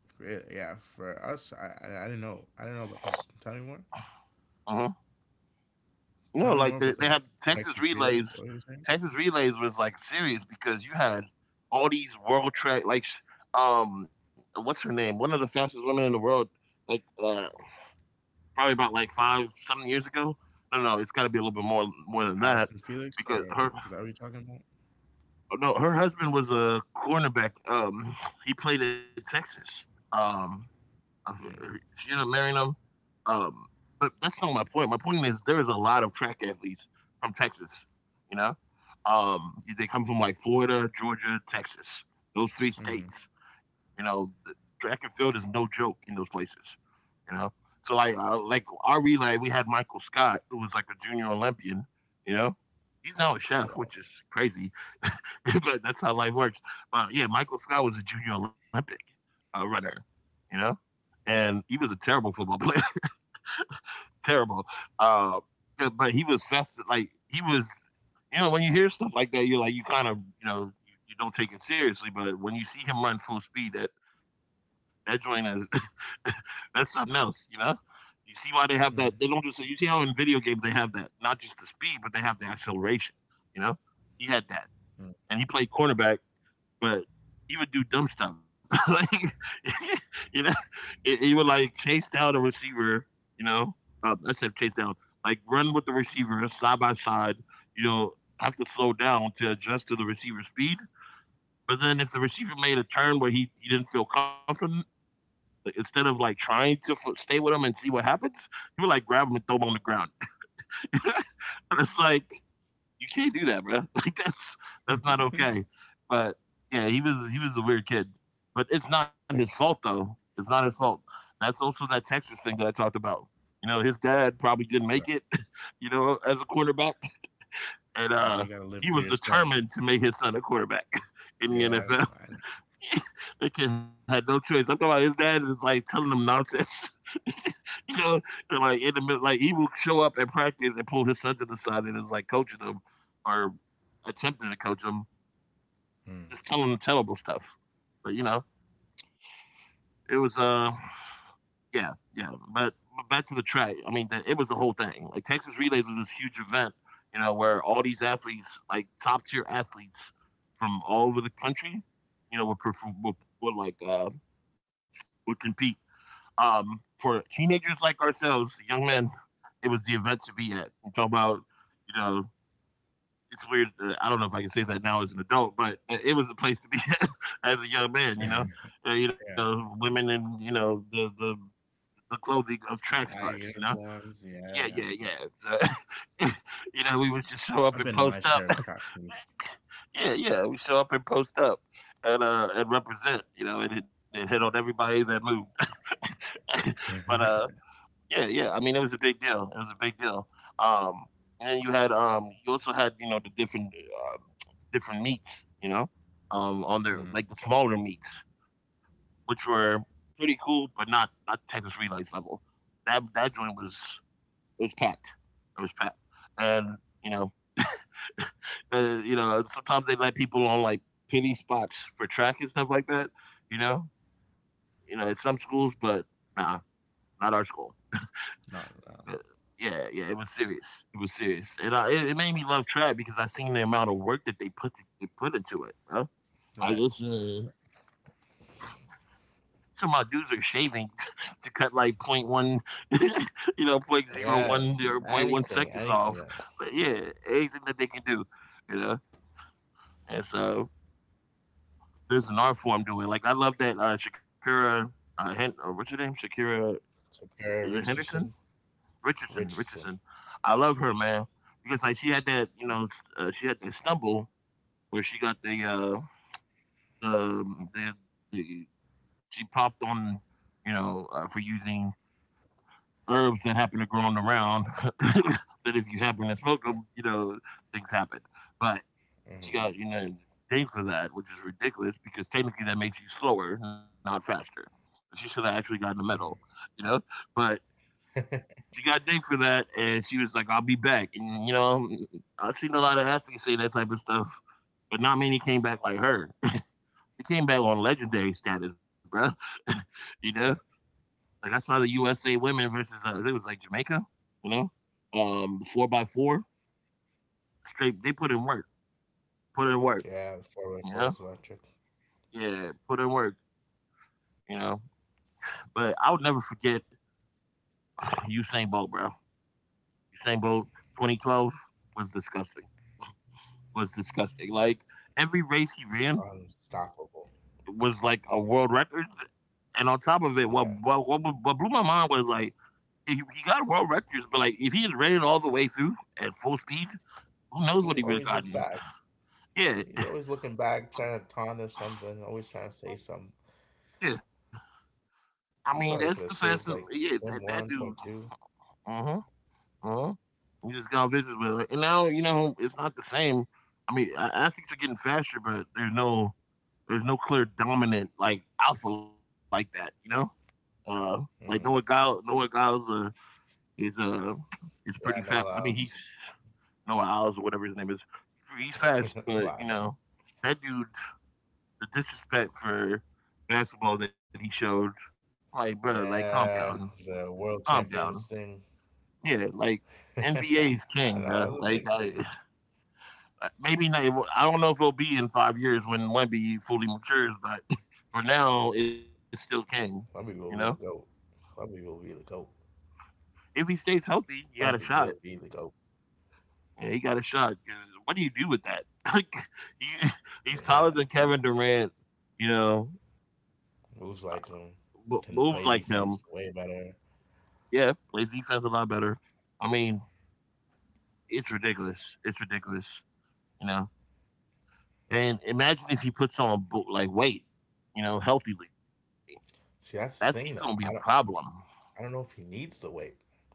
B: really. Yeah, for us, I didn't know about this. Tell me more.
A: uh-huh. No,
B: Tell me
A: like
B: more about
A: they
B: the
A: had Texas
B: Texas Relay.
A: relays.
B: What were you saying?
A: Texas relays was like serious because you had all these world track like what's her name, one of the fastest women in the world, like uh, probably about like 5, 7 years ago. No, no, it's got to be a little bit more than that
B: Allison Felix,
A: because
B: or
A: her.
B: is that what you're talking about?
A: No, her husband was a cornerback, um, he played at Texas, um,
B: Mm,
A: she ended up marrying him. Um, but that's not my point. My point is there is a lot of track athletes from Texas. You know, they come from like Florida, Georgia, Texas. Those three
B: hmm.
A: states. You know, the track and field is no joke in those places. You know, so like our relay, we had Michael Scott, who was like a junior Olympian. You know, he's now a chef,
B: Oh
A: which
B: wow.
A: is crazy, [laughs] but that's how life works. But yeah, Michael Scott was a junior Olympic runner. You know, and he was a terrible football [laughs] player, terrible. Uh, but he was fast. Like he was. You know, when you hear stuff like that, you're like you kind of you, you don't take it seriously. But when you see him run full speed, that joint is [laughs] that's something else. You know. You see why they have that? They don't
B: Mm,
A: just. You see how in video games they have that, not just the speed, but they have the acceleration. You know, he had that, and he played cornerback but he would do dumb stuff. [laughs] like [laughs] you know, he, would like chase down a receiver. You know, I said chase down, like run with the receiver side by side. You know, have to slow down to adjust to the receiver's speed. But then if the receiver made a turn where he didn't feel confident, instead of like trying to stay with him and see what happens, he would like grab him and throw him on the ground. [laughs] And it's like you can't do that, bro. [laughs] That's not
B: mm, [laughs]
A: okay. But yeah, he was a weird kid. But it's not his fault though. It's not his fault. That's also that Texas thing that I talked about. You know, his dad probably didn't
B: right.
A: make it, [laughs] you know, as a quarterback. And
B: And then
A: uh
B: you gotta live
A: he
B: through
A: was
B: your son.
A: determined to make his son a quarterback [laughs] in the
B: Yeah,
A: NFL.
B: I
A: [laughs] The kid had no choice. I'm talking about his dad is like telling him nonsense. [laughs] you know, like in the middle, like he will show up at practice and pull his son to the side and is like coaching him or attempting to coach him,
B: know. Mm,
A: just telling him terrible stuff. But you know, it was yeah, yeah. But back to the track. I mean, it was the whole thing. Like Texas Relays was this huge event, you know, where all these athletes, like top tier athletes from all over the country, you know, would like would compete for teenagers like ourselves, young men, it was the event to be at. I'm talking about, you know, it's weird. I don't know if I can say that now as an adult, but it was the place to be at [laughs] as a young man. You
B: yeah,
A: know, women in you know the the clothing of track
B: high
A: stars. You know,
B: uniforms.
A: yeah,
B: Yeah,
A: yeah,
B: yeah.
A: yeah. So, [laughs] you know, we would just show up and
B: I've been to
A: post
B: my
A: up. [laughs]
B: share of crack meets.
A: Yeah, yeah, we show up and post up. And represent, you know, and it hit on everybody that moved. [laughs]
B: [laughs]
A: But
B: mm,
A: uh, yeah, yeah. I mean, it was a big deal. It was a big deal. Um, and then you also had you know the different different meats, you know, on their like the smaller meats, which were pretty cool, but not Texas Relays level. That joint was it was packed. It was packed, and you know, [laughs] you know, sometimes they let people on like penny spots for track and stuff like that. You know, you know, at some schools, but nah, not our school.
B: not
A: Uh,
B: now.
A: yeah, yeah, it was serious. It was serious, and it made me love trap because I seen the amount of work that they put into it, bro. Like
B: Right.
A: it's some of my dudes are shaving [laughs] to cut like point one, [laughs] you know, point 0.01
B: Yeah.
A: or point one
B: Anything.
A: seconds off.
B: Anything that.
A: But yeah, anything that they can do, you know. And so there's an art form doing. Like I love that Shakira. What's her name? Shakira.
B: Shakira
A: Is it Henderson?
B: Richardson. Richardson.
A: Richardson. I love her, man, because like she had that, you know, she had that stumble where she got the um, the, the she popped on, you know, for using herbs that happen to grow on the ground. [laughs] That if you happen to smoke them, you know, things happen. But she got, you know, dinged for that, which is ridiculous because technically that makes you slower, not faster. She should have actually gotten a medal, you know. But she got dinged for that, and she was like, "I'll be back." And you know, I've seen a lot of athletes say that type of stuff, but not many came back like her. She came back on legendary status, bro. [laughs] You
B: Mm,
A: know, like I saw the USA women versus I think it was like Jamaica. You Four by four straight. They put in work. Put in work.
B: yeah. Four way
A: You
B: four
A: know,
B: was electric.
A: yeah, put in work. You know, but I would never forget Usain Bolt, bro. Usain Bolt, 2012 was disgusting. Was disgusting. Like every race he ran,
B: Unstoppable.
A: was like a world record, and on top of it,
B: Yeah.
A: what blew my mind was like he got world records, but like if he had ran it all the way through at full speed, who
B: 'Cause
A: knows
B: he
A: what he would have
B: always looks
A: gotten?
B: back.
A: Yeah,
B: He's
A: [laughs]
B: always looking back, trying to taunt or something, always trying to say something.
A: yeah.
B: He probably
A: I
B: could have
A: mean, that's
B: shaved
A: the
B: like
A: fastest.
B: point
A: Yeah,
B: one, point
A: that dude.
B: two.
A: Uh huh. Uh huh. You just got on visit with it, and now you know it's not the same. Athletes are getting faster, but there's no clear dominant like alpha like that. You know, uh, like
B: Mm-hmm.
A: Noah Giles. Is uh is pretty
B: Yeah,
A: fast.
B: no
A: I mean, he's
B: allows.
A: Noah Owls or whatever his name is. He's fast,
B: [laughs]
A: but you
B: allows.
A: know that dude, the disrespect for basketball that he showed, like bro, like calm
B: Yeah,
A: down,
B: the world
A: calm
B: champions
A: down.
B: thing.
A: Yeah, like
B: [laughs] I know,
A: NBA is
B: that
A: king,
B: was a
A: bro.
B: big thing.
A: [laughs] Maybe not. Well, I don't know if it'll be in 5 years when Wemby fully matures, but for now, it's still king. You know,
B: Lumpy will be the GOAT. Lumpy will be the GOAT.
A: if he stays healthy, you got a
B: Lumpy
A: shot.
B: will be the GOAT.
A: Yeah, he got a shot. 'Cause what do you do with that? [laughs] Like, he, he's taller
B: Yeah,
A: than Kevin Durant. You know,
B: moves like him,
A: moves like
B: can
A: him.
B: play defense way better.
A: Yeah, plays defense a lot better. I mean, it's ridiculous. It's ridiculous. You know, and imagine if he puts on like weight. You know, healthily. That's He's gonna be a
B: See, that's the
A: problem.
B: thing though. I don't know if he needs the weight.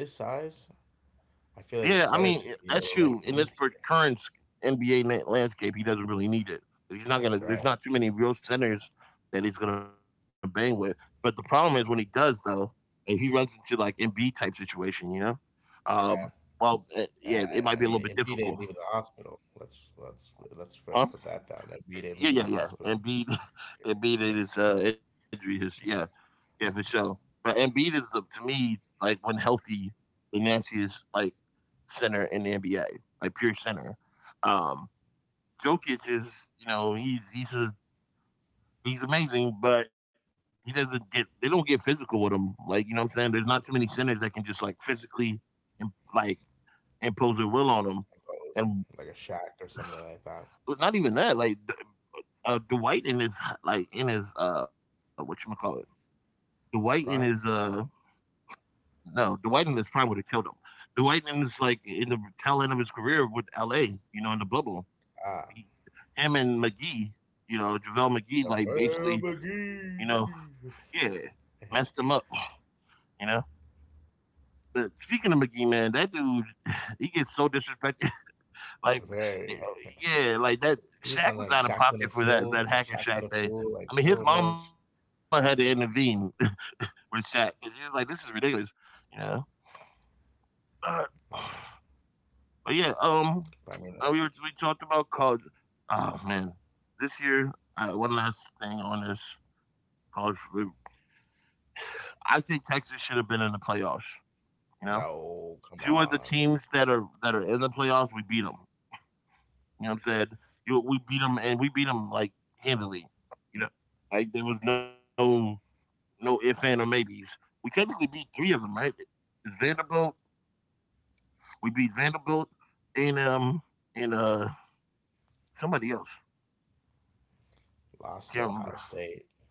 B: Like at his size,
A: Yeah, I
B: I feel
A: mean,
B: like it's
A: that's
B: better to
A: true.
B: be a
A: In this
B: little
A: per-
B: link
A: current s-
B: lengthier,
A: NBA landscape, he doesn't really need it. He's not gonna. There's not too
B: right?
A: many real centers that he's gonna bang with. But the problem is when he does, though, if he runs into like Embiid type situation, you know, um,
B: Yeah.
A: well, yeah, it might be a little bit
B: I mean,
A: difficult,
B: Embiid ain't leaving the hospital. Let's
A: huh?
B: first put that down. Embiid
A: Yeah,
B: ain't
A: yeah,
B: leaving
A: yeah.
B: the hospital.
A: Embiid, [laughs] Embiid and his injury, his yeah, yeah, for sure. But Embiid is the to me like when healthy, the nastiest like center in the NBA, like pure center. Um, Jokic is, you know, he's amazing, but he doesn't get they don't get physical with him. Like you know what I'm saying? There's not too many centers that can just like physically imp- like impose their will on him, and
B: Imposed like a shack or something like that.
A: not even that. Like Dwight in his what you call it? Dwight in his
B: Prime.
A: No, Dwight in his prime would have killed him. Dwight in his in the tail end of his career with L.A. You know in the bubble, he,
B: Ah,
A: him and McGee. You know Javale McGee like basically
B: JaVale
A: you know yeah,
B: McGee.
A: messed him up, you know. But speaking of McGee, man, that dude, he gets so disrespected. [laughs] Like,
B: [laughs]
A: yeah,
B: Very.
A: yeah, like that. Shaq
B: He's
A: was
B: on
A: out of
B: like Shaq
A: pocket
B: to
A: for
B: the
A: that hack
B: Fool,
A: and
B: Shaq
A: Shaq
B: to the
A: thing.
B: Fool,
A: I mean,
B: like
A: his
B: so
A: mama had to
B: much.
A: intervene [laughs] with Shaq. 'Cause she was like, "This is ridiculous," you know. Uh,
B: Mm,
A: but yeah,
B: but I mean,
A: we talked about college. Oh man, this year, one last thing on this college. I think Texas should have been in the playoffs. You know,
B: no, come
A: two of the
B: on.
A: teams that are in the playoffs, we beat them. You know what I'm saying? We beat them, and we beat them like handily. You know, like there was no ifs and or maybes. We technically beat three of them, right? It's Vanderbilt. We beat Vanderbilt and um and somebody else. Can't
B: Lost to
A: remember.
B: Ohio State.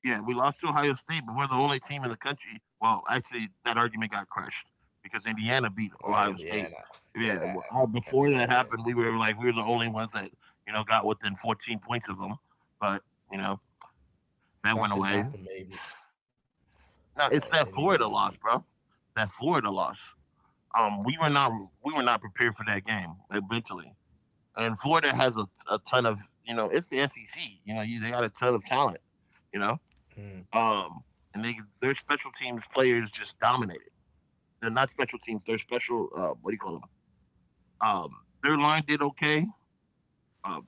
A: Yeah, we lost to Ohio State, but we're the only team in the country. Well, actually, that argument got crushed because Indiana beat
B: Why
A: Ohio
B: Indiana? [laughs]
A: State.
B: yeah.
A: Yeah, well,
B: And
A: before
B: they,
A: that happened, we were the only ones that you know got within 14 points of them, but you know that went
B: if that
A: away.
B: didn't happen, maybe,
A: No,
B: but
A: it's
B: in
A: that
B: the end,
A: Florida
B: we
A: loss, bro. That Florida loss. We were not we were not prepared for that game like, mentally and Florida has a ton of you know it's the SEC. You know, they got a ton of talent. You know,
B: mm,
A: um, and they their special teams players just dominated. They're not special teams. They're special. What do you call them? Um, their line did okay. Uh,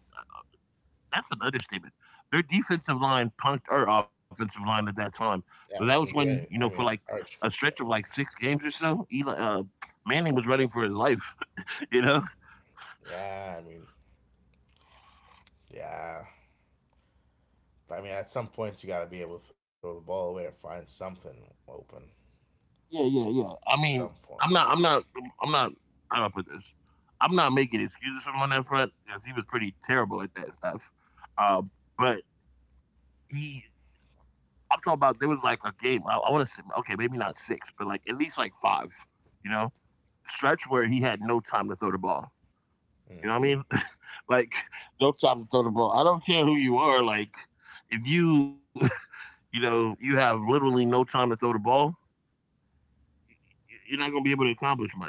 A: that's an understatement. Their defensive line punked our offensive line at that time. But
B: yeah
A: that
B: we
A: was
B: couldn't do
A: when,
B: anything.
A: you know,
B: I
A: for
B: mean,
A: like
B: Arch
A: a
B: couldn't do
A: stretch of
B: anything.
A: like six games or so, Eli, Manning was running for his life. [laughs] You know,
B: Yeah, I mean, yeah, but I mean, at some point, you got to be able to throw the ball away or find something open
A: Yeah, yeah, yeah.
B: at
A: I
B: some
A: mean,
B: point.
A: I'm not, I'm not, I'm not. How do I put this? I'm not making excuses for him on that front because he was pretty terrible at that stuff. Um, but he, I'm talking about there was like a game. I want to say, okay, maybe not six, but like at least like five. You know, Stretch where he had no time to throw the ball.
B: Mm,
A: You know what I mean? [laughs] Like no time to throw the ball. I don't care who you are. Like if you, [laughs] you have literally no time to throw the ball. You're not going to be able to accomplish much.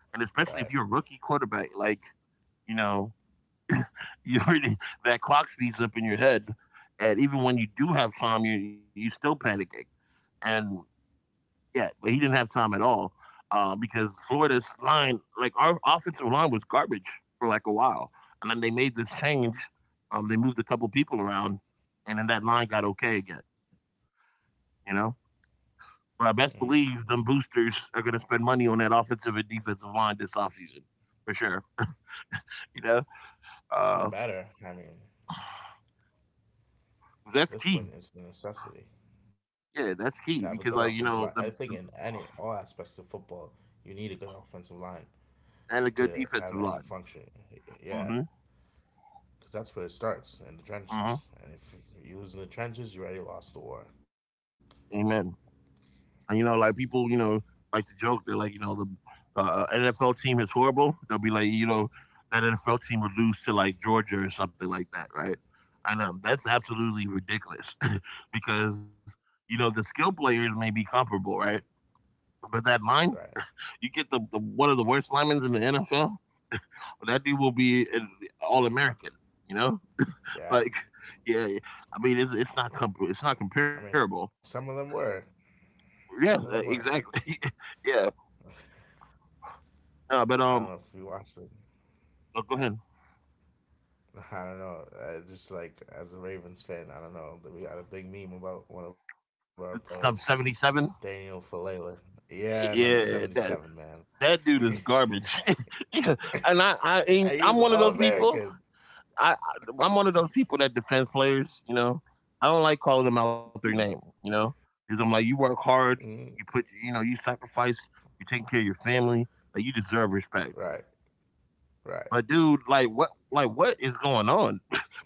A: And especially if you're a
B: right?
A: rookie quarterback, like, you know, [laughs] you already, that clock speeds up in your head. And even when you do have time, you're still panicking. And yeah, but he didn't have time at all, because Florida's line, like our offensive line was garbage for like a while. And then they made this change. They moved a couple people around, and then that line got okay again, you know? But I best
B: Mm.
A: believe them boosters are gonna spend money on that offensive and defensive line this offseason for sure. You know, uh,
B: It better. I mean,
A: that's
B: at this
A: key.
B: point, it's a necessity
A: Yeah, that's
B: to
A: key
B: have a good
A: because, like, you
B: offensive line.
A: know,
B: I
A: the,
B: think in
A: the
B: any all aspects of football, you need a good offensive line
A: and a good
B: to have
A: defensive
B: any
A: line.
B: function. Yeah,
A: Mm-hmm.
B: because that's where it starts in the
A: Mm-hmm.
B: trenches. And if you lose in the trenches, you already lost the war,
A: Amen. And you know, like people, you know, like to joke. They're like, you know, the NFL team is horrible. They'll be like, you know, that NFL team would lose to like Georgia or something like that, right? And that's absolutely ridiculous [laughs] because you know the skill players may be comparable, right? But that line,
B: right?
A: you get the one of the worst linemen in the NFL. But that dude will be an All American. You know,
B: Yeah,
A: like [laughs] yeah, I mean, it's not comparable.
B: some of them were, some of
A: Yes,
B: them were.
A: exactly. [laughs] Yeah. But
B: I don't know if you watched it.
A: Oh, go ahead.
B: [laughs] I don't know. Just like as a Ravens fan, I don't know. That We got a big meme about one of our players,
A: Stump 77.
B: Daniel Falele. Yeah, number
A: Yeah,
B: 77, man.
A: that dude is garbage. [laughs] Yeah, and
B: [laughs] He was
A: I'm
B: all
A: one of those people.
B: American.
A: I, I I'm one of those people that defends players. You know, I don't like calling them out their name. You know, because I'm like, you work hard,
B: Mhm.
A: you know, you sacrifice, you are taking care of your family, like you deserve respect.
B: Right, right.
A: But dude, like what is going on?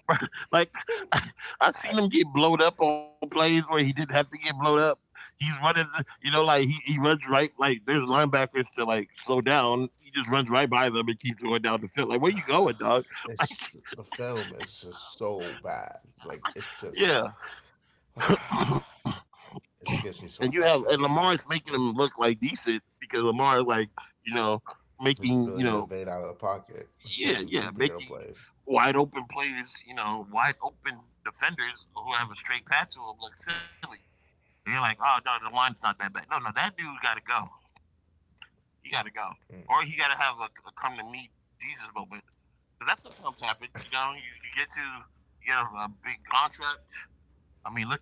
A: [laughs] Like [laughs] I
B: I
A: seen him get blowed up on plays where he didn't have to get blowed up. He's running, you know, like he runs right, like there's linebackers to like slow down. He just runs right by them and keeps going down the field. Like, where you going, dog? [laughs] Like,
B: It's the film is just so bad. Like it's
A: yeah.
B: just
A: [clears throat]
B: [sighs] it just gets me
A: And you
B: so
A: have and
B: frustrated
A: Lamar's
B: sometimes.
A: making
B: But
A: him look like decent because Lamar like, you know,
B: his
A: you
B: ability to
A: know,
B: evade out of the pocket, just making
A: yeah,
B: superhero
A: making
B: plays.
A: wide open players, you know, wide open defenders who have a straight path to him look silly. And you're like, oh no, the line's not that bad. No, no, that dude gotta go. He gotta go. Or he gotta have a come to me Jesus moment, because that sometimes happens, you know, you get a big contract. I mean, look.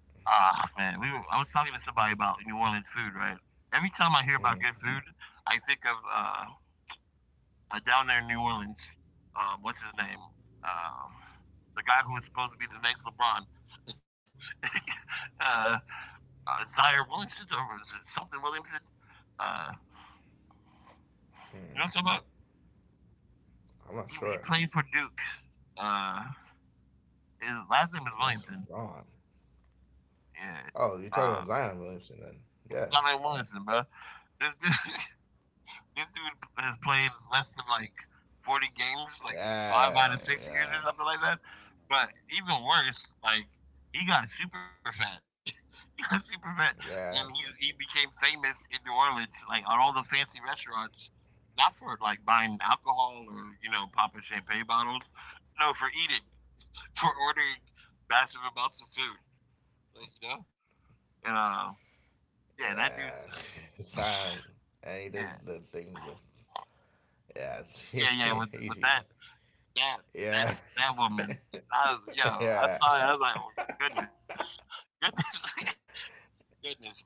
A: I was talking to somebody about New Orleans food, right? Every time I hear about good
B: Mm,
A: Food, I think of down there in New Orleans. What's his name? Um, the guy who was supposed to be the next LeBron, [laughs] uh, Zaire Williamson, or was it something Williamson? Uh, you know what I'm talking about?
B: I'm not sure.
A: He played for Duke. Uh, his last name is
B: The next
A: Williamson.
B: LeBron.
A: Yeah.
B: Oh, you're
A: Uh,
B: talking about Zion Williamson then? Yeah,
A: Zion Williamson, bro. This dude, [laughs] this dude has played less than like 40 games, like five out
B: yeah,
A: of 6 years or
B: yeah,
A: something like that. But even worse, like he got super fat. [laughs] He got super fat,
B: yeah,
A: and he became famous in New Orleans, like on all the fancy restaurants. Not for like buying alcohol or, you know, popping champagne bottles, no, for eating, [laughs] for ordering massive amounts of food, like, you know. And yeah, that dude's
B: yeah. [laughs] Zion, and he did
A: yeah,
B: the thing with yeah,
A: yeah. With
B: [laughs] easy.
A: that. That
B: Yeah,
A: that's that woman. I was, yo,
B: [laughs]
A: I
B: yeah.
A: saw it. I was like, "Oh, goodness, goodness, [laughs] goodness," bro.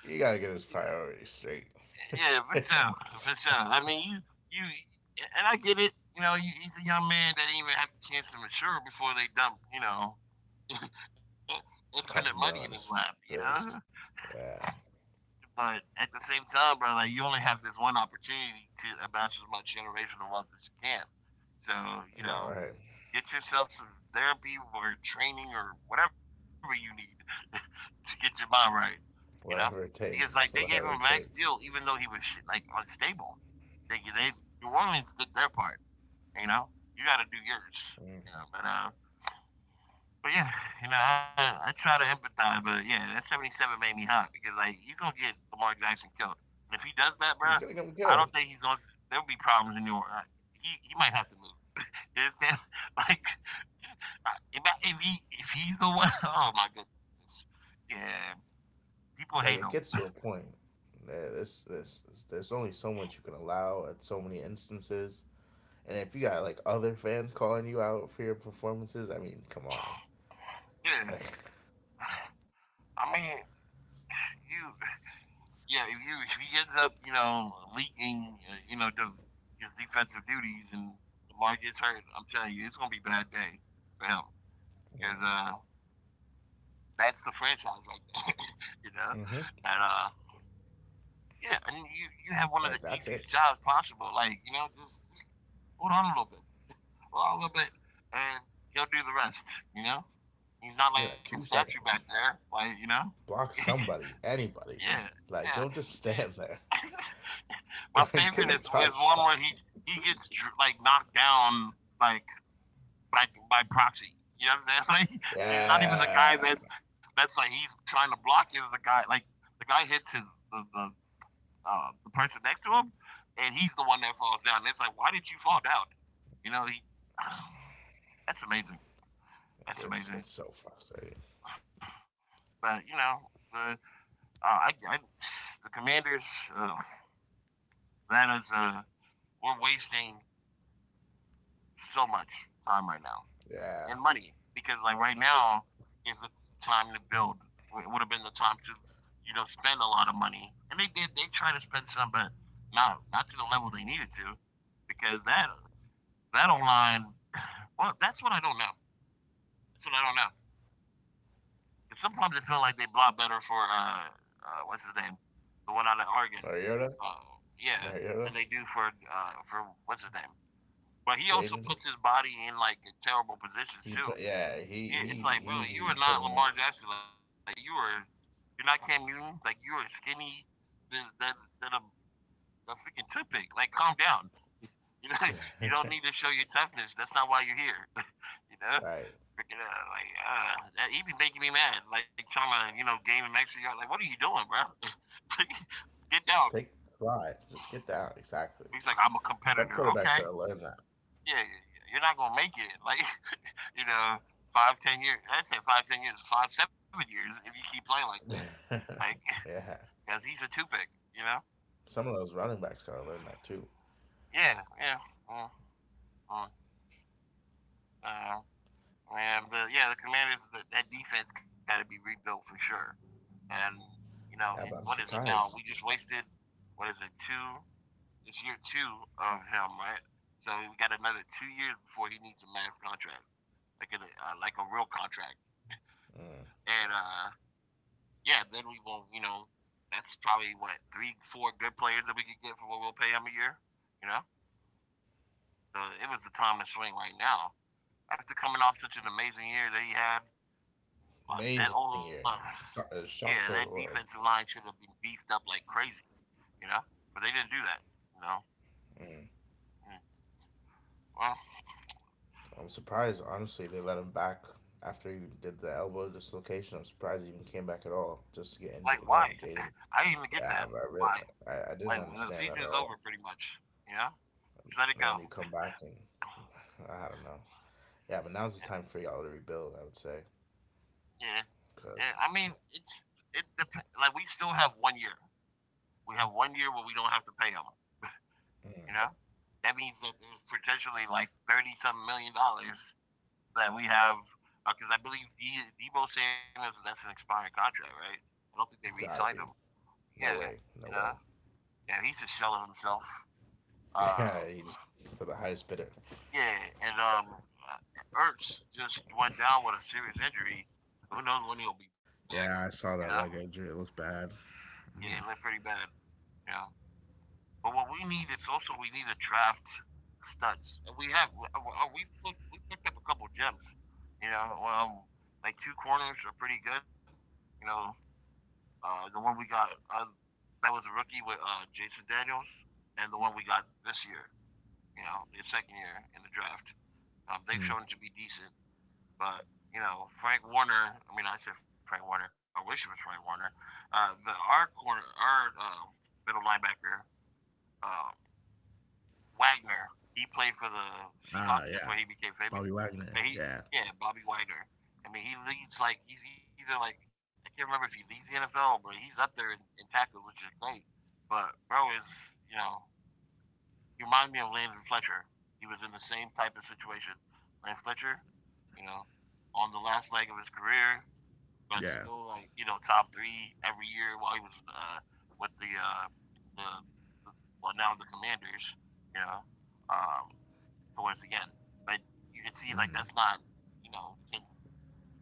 B: You gotta get
A: You
B: his
A: know,
B: priorities straight.
A: yeah, for
B: [laughs] A
A: sure, for sure. I mean, and I get it. You know, he's a young man that didn't even have the chance to mature before they dump, you know, [laughs] infinite money in his
B: couple mil
A: lap.
B: in his
A: You know,
B: face. Yeah.
A: but at the same time, bro, like you only have this one opportunity to amass as much generational wealth as you can. So, you
B: No,
A: know,
B: right.
A: get yourself some therapy or training or whatever you need [laughs] to get your mind right. You know,
B: Whatever it
A: because like they gave him
B: takes,
A: a
B: whatever
A: max
B: it
A: deal, even
B: takes.
A: though he was shit, like unstable. They New Orleans did their part. You know, you got to do yours.
B: Mm.
A: You know, but uh, but yeah, you know, I try to empathize, but yeah, that 77 made me hot because like he's gonna get Lamar Jackson killed, and if he does that,
B: He's
A: bro,
B: gonna get him
A: I
B: killed.
A: don't think he's gonna. There'll be problems in New Orleans. He might have to move. [laughs] It's That's like if he, if he's the one. [laughs] Oh my goodness, yeah, people hate
B: Like
A: him.
B: it gets to a point. There's only so much you can allow at so many instances. And if you got like other fans calling you out for your performances, I mean, come on.
A: Yeah,
B: Like,
A: [sighs] I mean, you. Yeah, if you, if he ends up, you know, leaking, you know, his defensive duties, and Lamar gets hurt, I'm telling you, it's gonna be a bad day for him
B: [laughs] yeah.
A: because that's the franchise right there, [laughs] you know,
B: Mm-hmm.
A: and yeah, and you have one of the
B: Like that's it.
A: easiest jobs possible, like, you know, just hold on a little bit, hold on a little bit, and he'll do the rest, you know. He's not
B: I
A: like
B: mean,
A: a
B: like two
A: statue back
B: seconds.
A: there, like, you know.
B: Block
A: [laughs]
B: somebody, anybody.
A: Yeah, yeah,
B: Like, don't just stand there.
A: yeah. [laughs] My
B: [laughs] Like,
A: favorite
B: give a
A: is
B: touch.
A: one where he like knocked down like by proxy. You know what I'm saying? [laughs] Like
B: [laughs]
A: he's not even the guy
B: Yeah,
A: that's like he's trying to block. Is the guy like the guy hits his the the, the person next to him, and he's the one that falls down. It's like, why did you fall down? You know he. [sighs] That's amazing. That's
B: it's
A: amazing.
B: it's so frustrating.
A: But you know the I the Commanders, uh, that is we're wasting so much time right now
B: Yeah,
A: and money because like right now is the time to build. It would have been the time to, you know, spend a lot of money, and they did. They tried to spend some, but not not to the level they needed to, because that online, [sighs] well, that's what I don't know. That's what I don't know. 'Cause sometimes it felt like they block better for what's his name, the one out of Oregon,
B: Mariota,
A: uh, yeah,
B: Mariota,
A: than they do for what's his name. But he also
B: Jaden.
A: puts his body in like terrible positions
B: He put
A: too.
B: yeah, he
A: Yeah, it's
B: he
A: like,
B: he
A: bro, you
B: be
A: are not
B: putting
A: Lamar
B: his
A: Jackson. Like you're not Cam Newton. Like you are skinny than a freaking toothpick. Like calm down. [laughs] You know, you don't need to show your toughness. That's not why you're here. [laughs] You know,
B: right.
A: freaking, he be making me mad. Like trying to, you know, game an extra yard. Like what are you doing, bro? [laughs] Get down.
B: Take the slide. Just get down. Exactly.
A: He's like, I'm a
B: Some
A: competitor.
B: quarterbacks
A: Okay,
B: gotta learn
A: yeah, yeah, yeah. You're not gonna make it. Like, [laughs] you know, five, 10 years. I say five, 10 years, five, 7 years if you keep playing like that.
B: that.
A: Like, [laughs]
B: [laughs] Yeah.
A: because he's a two pick. You know.
B: Some of those running backs gotta learn that too.
A: Yeah, yeah. Mm, mm, uh, and yeah, the Commanders, that defense got to be rebuilt for sure. And you
B: Yeah,
A: know,
B: but I'm
A: and what is it
B: surprised.
A: now? We just wasted. What is it? Two. It's year two of him, right? So we got another 2 years before he needs a max contract, like a real contract. And yeah, then we won't, you know, that's probably what, three, four good players that we could get for what we'll pay him a year, you know? So it was the time to swing right now. After coming off such an amazing year that he had, that
B: Amazing
A: whole
B: year.
A: line, [sighs] yeah,
B: Shocked the
A: that
B: world.
A: defensive line should have been beefed up like crazy, you know? But they didn't do that, you know? Mm, Well,
B: I'm surprised honestly they let him back after he did the elbow dislocation. I'm surprised he even came back at all just to get
A: like,
B: injured
A: why?
B: again. Jaden.
A: [laughs] I didn't even get that.
B: Yeah, I really
A: Why?
B: I didn't
A: Like, when the
B: understand that at
A: season's
B: all.
A: over, pretty much, you know? Just let
B: And
A: it
B: then you come
A: go.
B: back and I don't know. Yeah, but now's the time for
A: [laughs]
B: y'all to rebuild. I would say
A: Yeah, yeah.
B: because
A: I mean, like we still have 1 year. We have 1 year where we don't have to pay them. You know, that means that there's potentially like 30-some million dollars that we have because I believe Debo Samuels, that's an expired contract, right? I don't think they re-signed
B: gotta
A: him.
B: be
A: Yeah,
B: no way,
A: you
B: no
A: know,
B: way.
A: yeah, he's a shell of himself.
B: [laughs]
A: Uh,
B: Yeah, you just for the highest bidder.
A: yeah, and Ertz just went down with a serious injury. Who knows when he'll be back?
B: Yeah, I
A: You
B: saw
A: know,
B: that leg injury. It looks bad.
A: yeah, it looked pretty bad. You know, but what we need is also we need a draft studs, and we have we've picked up a couple gems. You know, um, like two corners are pretty good. You know, the one we got that was a rookie with Jason Daniels, and the one we got this year. You know, his second year in the draft. They've
B: Hmm.
A: shown to be decent, but you know, Frank Warner. I mean, I said Frank Warner. I wish it was Frank Warner. The our corner, our middle linebacker. Uh, Wagner. He played for the
B: Ah,
A: Seahawks. That's
B: yeah,
A: where he became famous.
B: Bobby Wagner.
A: But he,
B: Yeah,
A: yeah, Bobby Wagner. I mean, he leads like he's either like I can't remember if he leads the NFL, but he's up there in tackles, which is great. But bro is you know you remind me of Landon Fletcher. He was in the same type of situation. Landon Fletcher, you know, on the last leg of his career, but still
B: yeah,
A: like you know top 3 every year while he was with the the well now the Commanders, you know, um, towards the end. But you can see like that's not you know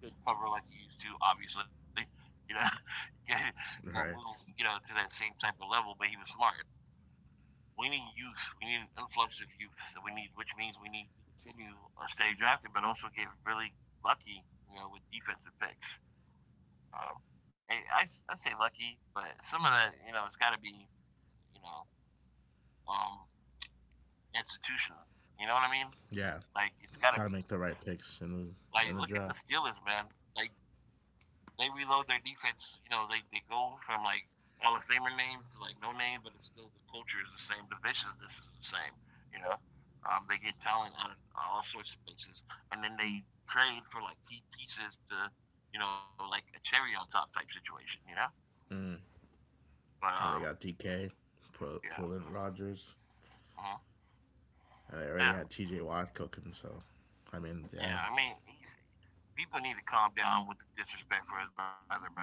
A: you can cover like he used to obviously, you know, [laughs] can, can move
B: right.
A: you know to that same type of level. But he was smart we need youth. We need an influx of youth. So we need, which means we need to continue or stay drafted, but also get really lucky, you know, with defensive picks. Um, I say lucky, but some of that, you know, it's got to be, you know, um, institutional. You know what I mean?
B: Yeah,
A: Like it's got to
B: gotta
A: be.
B: make the right picks in
A: Like
B: the
A: look at the
B: draft.
A: Steelers, man. Like they reload their defense. You know, they go from like Hall of Famer names to like no name, but it's still the culture is the same, the viciousness is the same. You know, they get talent on all sorts of places, and then they trade for like key pieces to you know like a cherry on top type situation. You know,
B: Mm.
A: but
B: And they got DK, pull,
A: yeah,
B: pull in Rogers,
A: uh-huh,
B: and they already
A: yeah.
B: had T.J. Watt cooking. So, I mean, yeah,
A: Yeah, I mean, people need to calm down with the disrespect for his brother, bro.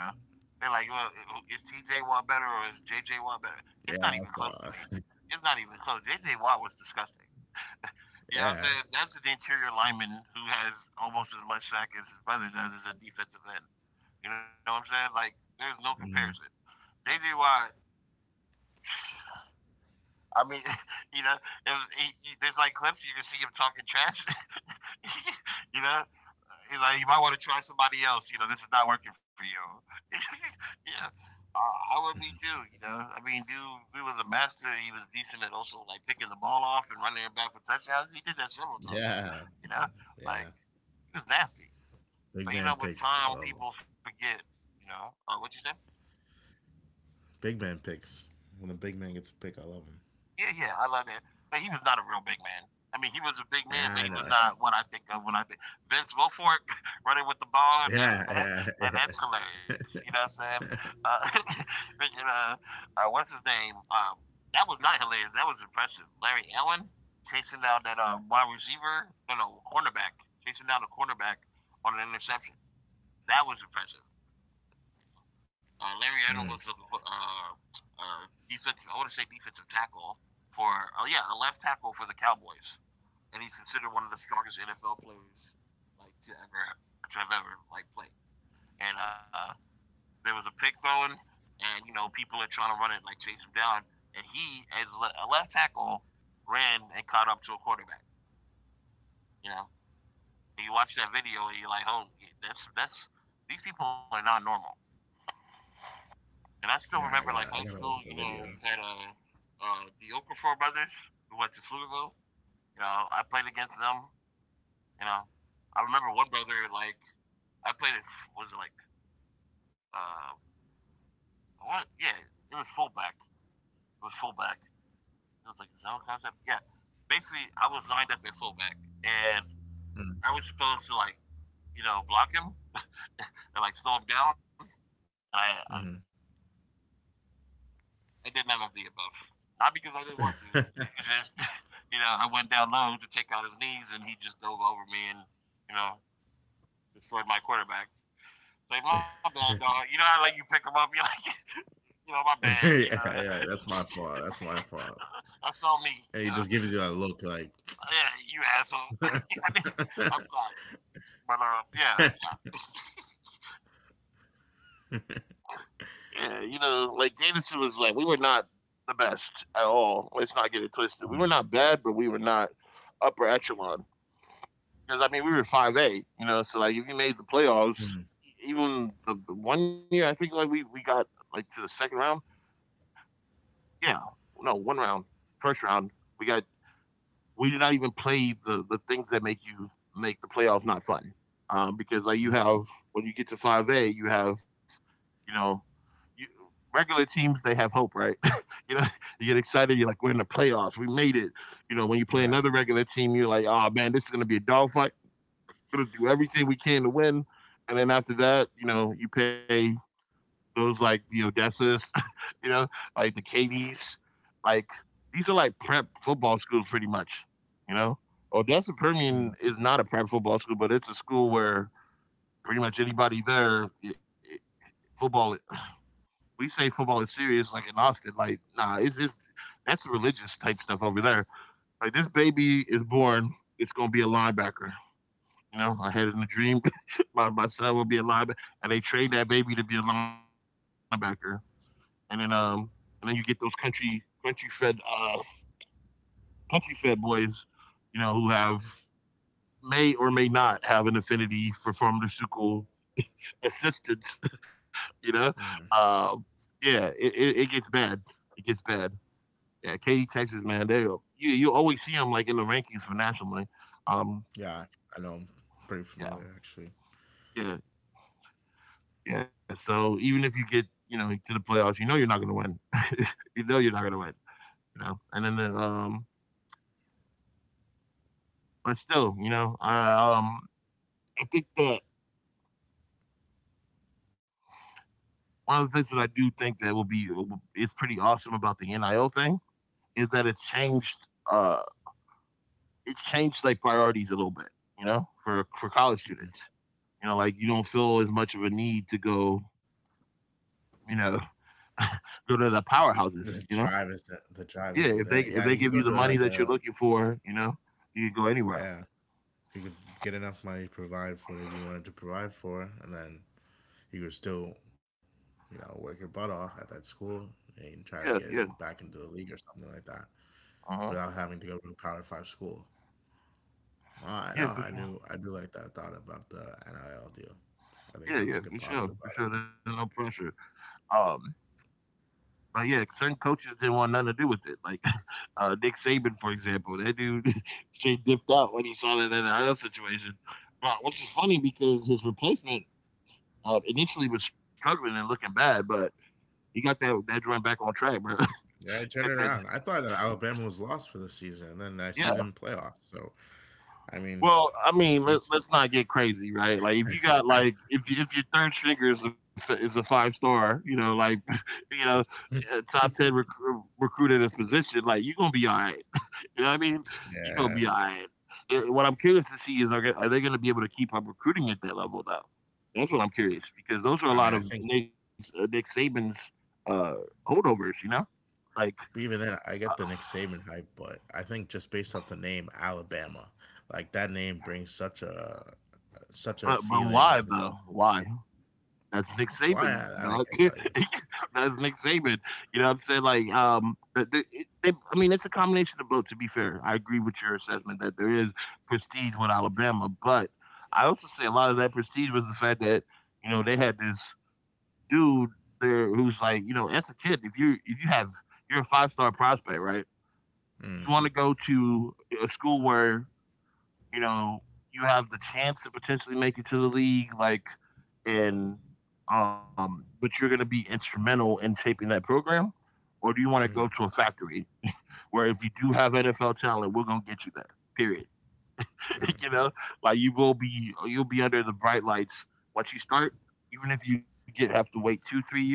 A: They're like, well, is T.J. Watt better or is J.J. Watt better? It's
B: yeah, I
A: not even close to
B: saw.
A: me. It's not even close. J.J. Watt was disgusting. You know
B: Yeah,
A: what I'm saying? That's an interior lineman who has almost as much sack as his brother does as a defensive end. You know what I'm saying? Like, there's no
B: hmm.
A: comparison. J.J. Watt [sighs] I mean, [laughs] you know, it was, he, you- there's like clips you can see him talking trash. [laughs] you know, he's like, you might want to try somebody else. You know, this is not working for you. [laughs] yeah, I would be too. You know, I mean, dude, he was a master. He was decent at also like picking the ball off and running it back for touchdowns. He did that several times.
B: Yeah,
A: You know,
B: yeah.
A: like he was nasty.
B: Big
A: But you
B: man
A: know, with
B: picks. I
A: time,
B: love him.
A: people forget. You know, what you say?
B: Big man picks. When a big man gets a pick, I love him.
A: Yeah, yeah, I love that. But he was not a real big man. I mean, he was a big
B: Yeah, I
A: man, but he
B: know.
A: was not what I think of when I think Vince Wilfork [laughs] running with the ball.
B: Yeah,
A: That's
B: yeah, [laughs]
A: [laughs]
B: yeah.
A: that's hilarious. You know what I'm saying? Uh, [laughs] thinking, what's his name? That was not hilarious. That was impressive. Larry Allen chasing down that wide receiver, no, no, cornerback, chasing down the cornerback on an interception. That was impressive. Larry Allen was a uh, defensive, I want to say defensive tackle for, yeah, a left tackle for the Cowboys, and he's considered one of the strongest NFL players like to ever to have ever like played. And there was a pick thrown, and you know people are trying to run it like chase him down, and he as a left tackle ran and caught up to a quarterback. You know, and you watch that video and you're like, oh, that's these people are not normal. And I still
B: Yeah,
A: remember
B: I
A: like
B: gotta,
A: high
B: I gotta look
A: school,
B: at
A: you
B: the
A: know,
B: video.
A: you had the Okafor brothers who went to Pflugerville. You know, I played against them. You know, I remember one brother, like, I played it, was it like, uh, what? Yeah, it was fullback. It was fullback. It was like zone concept. Yeah. Basically, I was lined up at fullback and
B: Mm,
A: I was supposed to, like, you know, block him [laughs] and like slow him down. I,
B: mm-hmm.
A: I I did none of the above. Not because I didn't want to.
B: [laughs]
A: It's just, [laughs] you know, I went down low to take out his knees, and he just dove over me and, you know, destroyed my quarterback. Like my bad, dog. You know how like you pick him up, you're like, [laughs] you know, my
B: Yeah,
A: bad. You know,
B: yeah. That's my fault.
A: [laughs]
B: That's my fault.
A: that's all me.
B: And
A: You
B: he
A: know,
B: just gives you that look, like,
A: yeah, you asshole. [laughs] I mean,
B: [laughs]
A: I'm sorry, but yeah, yeah. [laughs] Yeah, you know, like Davidson was like, we were not the best at all. Let's not get it twisted. We were
B: mm,
A: not bad, but we were not upper echelon. Because I mean, we were 5A, you know. So like, if you made the playoffs,
B: mm,
A: even the 1 year I think like we got like to the second round. Yeah, no, one round, first round we got we did not even play the things that make you make the playoff not fun. Because like
B: mm,
A: you have when you get to 5A, you have you know you, regular teams they have hope, right? [laughs] you know you get excited, you're like we're in the playoffs, we made it. You know when you play
B: right.
A: another regular team, you're like oh man, this is gonna be a dogfight. We're gonna do everything we can to win. And then after that, you know you pay those like the Odessas, [laughs] you know, like the KVs, like these are like prep football schools pretty much, you know. Odessa
B: Mm,
A: Permian is not a prep football school, but it's a school where pretty much anybody there, football. We say football is serious, like in Austin. Like, nah, it's that's religious type stuff over there. Like this baby is born, it's gonna be a linebacker. You know, I had it in a dream. [laughs] My son will be a linebacker, and they trained that baby to be a linebacker and then you get those country fed uh country fed boys, you know, who have may or may not have an affinity for pharmaceutical assistance. [laughs] You know,
B: mm.
A: uh, yeah, it gets bad. It gets bad. Yeah, Katy, Texas, man, they you go. You always see them like in the rankings for nationally. Um,
B: Yeah, I know. I'm pretty
A: yeah,
B: familiar, actually.
A: yeah, yeah. So even if you get you know to the playoffs, you know you're not gonna win. [laughs] you know you're not gonna
B: Mm.
A: win. You know, and then but still, you know, I think that one of the things that I do think that is pretty awesome about the NIL thing is that it's changed. Uh, it's changed like priorities a little bit. You know, for college students, you know, like you don't feel as much of a need to go. You know, [laughs] go to the powerhouses.
B: The
A: You know,
B: drive is The drive
A: yeah.
B: isn't there.
A: If
B: Yeah,
A: they
B: you can
A: give
B: go
A: you the
B: to
A: money
B: like
A: that
B: a.
A: you're looking for, you know, you can go anywhere.
B: Yeah, you could get enough money to provide for whatever you wanted to provide for, and then you could still, you know, work your butt off at that school and try to
A: Yeah,
B: get
A: yeah.
B: it back into the league or something like that
A: Uh huh.
B: without having to go to a Power Five school. Well, I know
A: Yeah, for
B: I
A: sure.
B: do. I do like that thought about the NIL deal. I think
A: Yeah,
B: that's a
A: yeah,
B: good
A: for sure,
B: positive
A: for
B: about it.
A: sure. There's no pressure. Um, Like, yeah, certain coaches didn't want nothing to do with it. Like [laughs] Nick Saban, for example, that dude [laughs] straight dipped out when he saw that NIL situation. But which is funny because his replacement initially was struggling and looking bad, but he got that joint back on track, bro.
B: Yeah, I
A: [laughs]
B: turned it
A: Get that-
B: around. I thought that Alabama was lost for the season, and then I see
A: yeah.
B: them playoffs. So I mean,
A: Well, I mean, let,
B: teach them.
A: let's not get crazy, right? Like, if you got like, if your third stringer is a five star, you know, like, [laughs] you know, a top ten recruit in this position, like, you're gonna be all right. You know what I mean? You're gonna
B: Yeah,
A: be all right. And what I'm curious to see is are they gonna be able to keep up recruiting at that level though? That's what I'm curious because those are
B: I
A: a
B: mean, I
A: lot of
B: think
A: Nick Saban's uh, holdovers. Like,
B: but even then, I
A: uh,
B: get the Nick Saban hype, but I think just based off the name Alabama, like that name brings such a such a
A: but
B: feeling.
A: why
B: Such a
A: though? Why? That's Nick
B: why
A: Saban, dog.
B: I can't tell you.
A: [laughs] That's Nick Saban. You know what I'm saying? Like, the, it- they, I mean, it's a combination of both. To be fair, I agree with your assessment that there is prestige with Alabama, but I also say a lot of that prestige was the fact that you know they had this dude there who's like, you know, as a kid, if you're a five-star prospect, right?
B: Mm,
A: You want to go to a school where you know, you have the chance to potentially make it to the league, like, and but you're going to be instrumental in shaping that program, or do you want to go
B: mm,
A: to a factory where if you do have NFL talent, we're going to get you there? Period.
B: mm.
A: [laughs] you know, like you will be under the bright lights once you start. Even if you get have to wait 2 3 years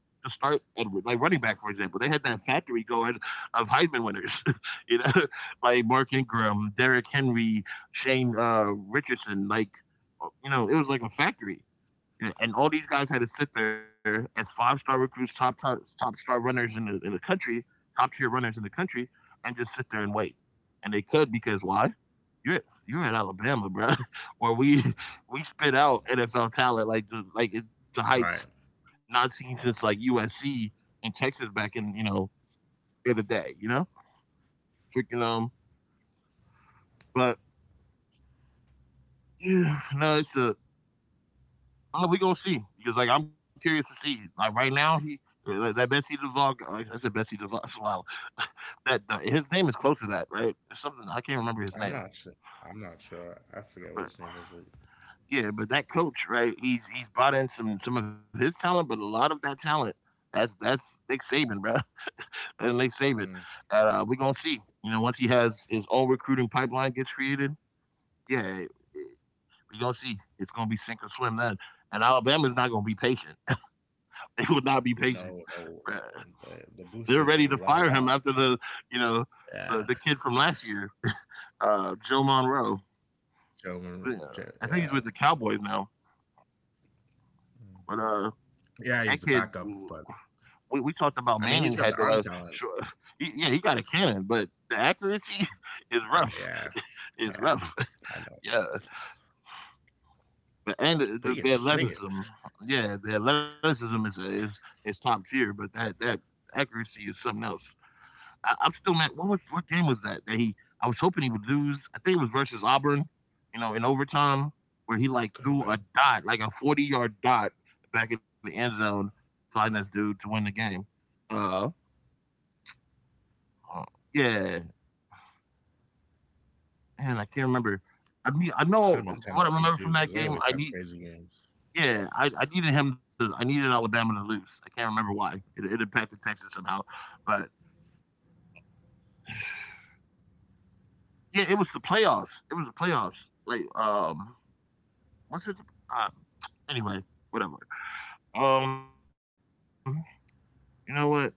A: to start, and like running back for example, they had that factory going of Heisman winners, [laughs] you know, like Mark Ingram, Derrick Henry, Shane Richardson, like you know, it was like a factory, and all these guys had to sit there as five-star recruits, top star runners in the country, top tier runners in the country, and just sit there and wait. And they could because why? You're at Alabama, bro, [laughs] where we spit out NFL talent like the
B: Right.
A: heights not seen since like USC and Texas back in you know the other day, you know, freaking. But yeah, no, it's a we gonna see because like I'm curious to see like right now he that Betsy DeVog I said Betsy DeVog. [laughs] Wow. [laughs] That the, his name is close to that, right? It's something. I can't remember his
B: I'm
A: name,
B: not sure. I'm not sure. I forget what
A: but
B: his name is. But-
A: yeah, but that coach, right? He's brought in some of his talent, but a lot of that talent, that's Nick Saban, bro. [laughs] And Nick Saban,
B: mm,
A: we gonna see, you know, once he has his own recruiting pipeline gets created, yeah, we gonna see. It's gonna be sink or swim then, and Alabama's not gonna be patient. [laughs] They will not be patient.
B: no, no, no. The
A: They are ready to
B: boosters won't
A: fire
B: allow
A: him
B: that.
A: after the, you know, the
B: Yeah,
A: kid from last year, Joe Monroe.
B: Joe. Mar-
A: Yeah,
B: J-
A: I think he's
B: Yeah,
A: with the Cowboys now. But that
B: yeah.
A: kid,
B: He's the backup, but
A: we talked about
B: I
A: Manning
B: mean, he's
A: had
B: got
A: no,
B: the arm talent.
A: sure, he got a cannon, but the accuracy is rough.
B: Yeah,
A: [laughs] It's
B: yeah.
A: rough.
B: I know,
A: Yeah, but and
B: but he can
A: the
B: sling it.
A: athleticism, yeah, the athleticism is top tier, but that accuracy is something else. I'm still mad. What game was that that he? I was hoping he would lose. I think it was versus Auburn. You know, in overtime, where he like
B: Could have
A: threw a
B: been.
A: dot, like a 40-yard dot back in the end zone, flying this dude to win the game. Uh, uh, yeah, man, I can't remember. I mean, I know
B: Could have been
A: what I remember
B: Tennessee
A: from
B: too,
A: that
B: because they
A: game.
B: always have crazy games.
A: Yeah, I needed I needed Alabama to lose. I can't remember why. It impacted Texas somehow, but yeah, it was the playoffs. It was the playoffs. What's it? Uh, anyway, whatever. Um, you know what?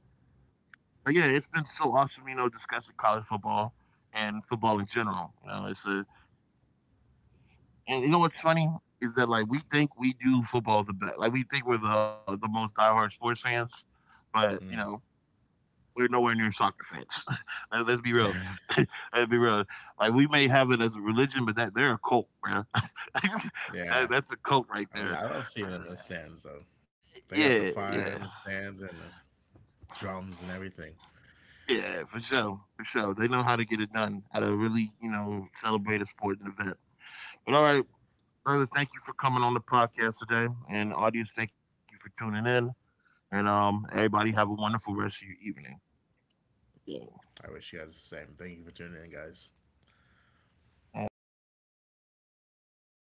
A: But yeah, it's been so awesome, you know, discussing college football and football in general. You know, it's a and you know what's funny is that like we think we do football the best. Like we think we're the most diehard sports fans, but you know
B: Mm.
A: we're nowhere near soccer fans. [laughs] Let's be real. [laughs] Let's be real. Like we may have it as a religion, but that they're a cult, bro. [laughs]
B: [laughs]
A: that
B: Yeah,
A: that's a cult right
B: I
A: there.
B: mean, I love seeing them in the stands though. They
A: Yeah,
B: got the
A: yeah.
B: fire in the stands and the drums and everything.
A: Yeah, for sure, for sure. They know how to get it done, how to really, you know, celebrate a sporting event. But all right, brother, thank you for coming on the podcast today, and audience, thank you for tuning in, and everybody have a wonderful rest of your evening. Okay.
B: I wish you guys the same. Thank you for tuning in, guys.
A: All right.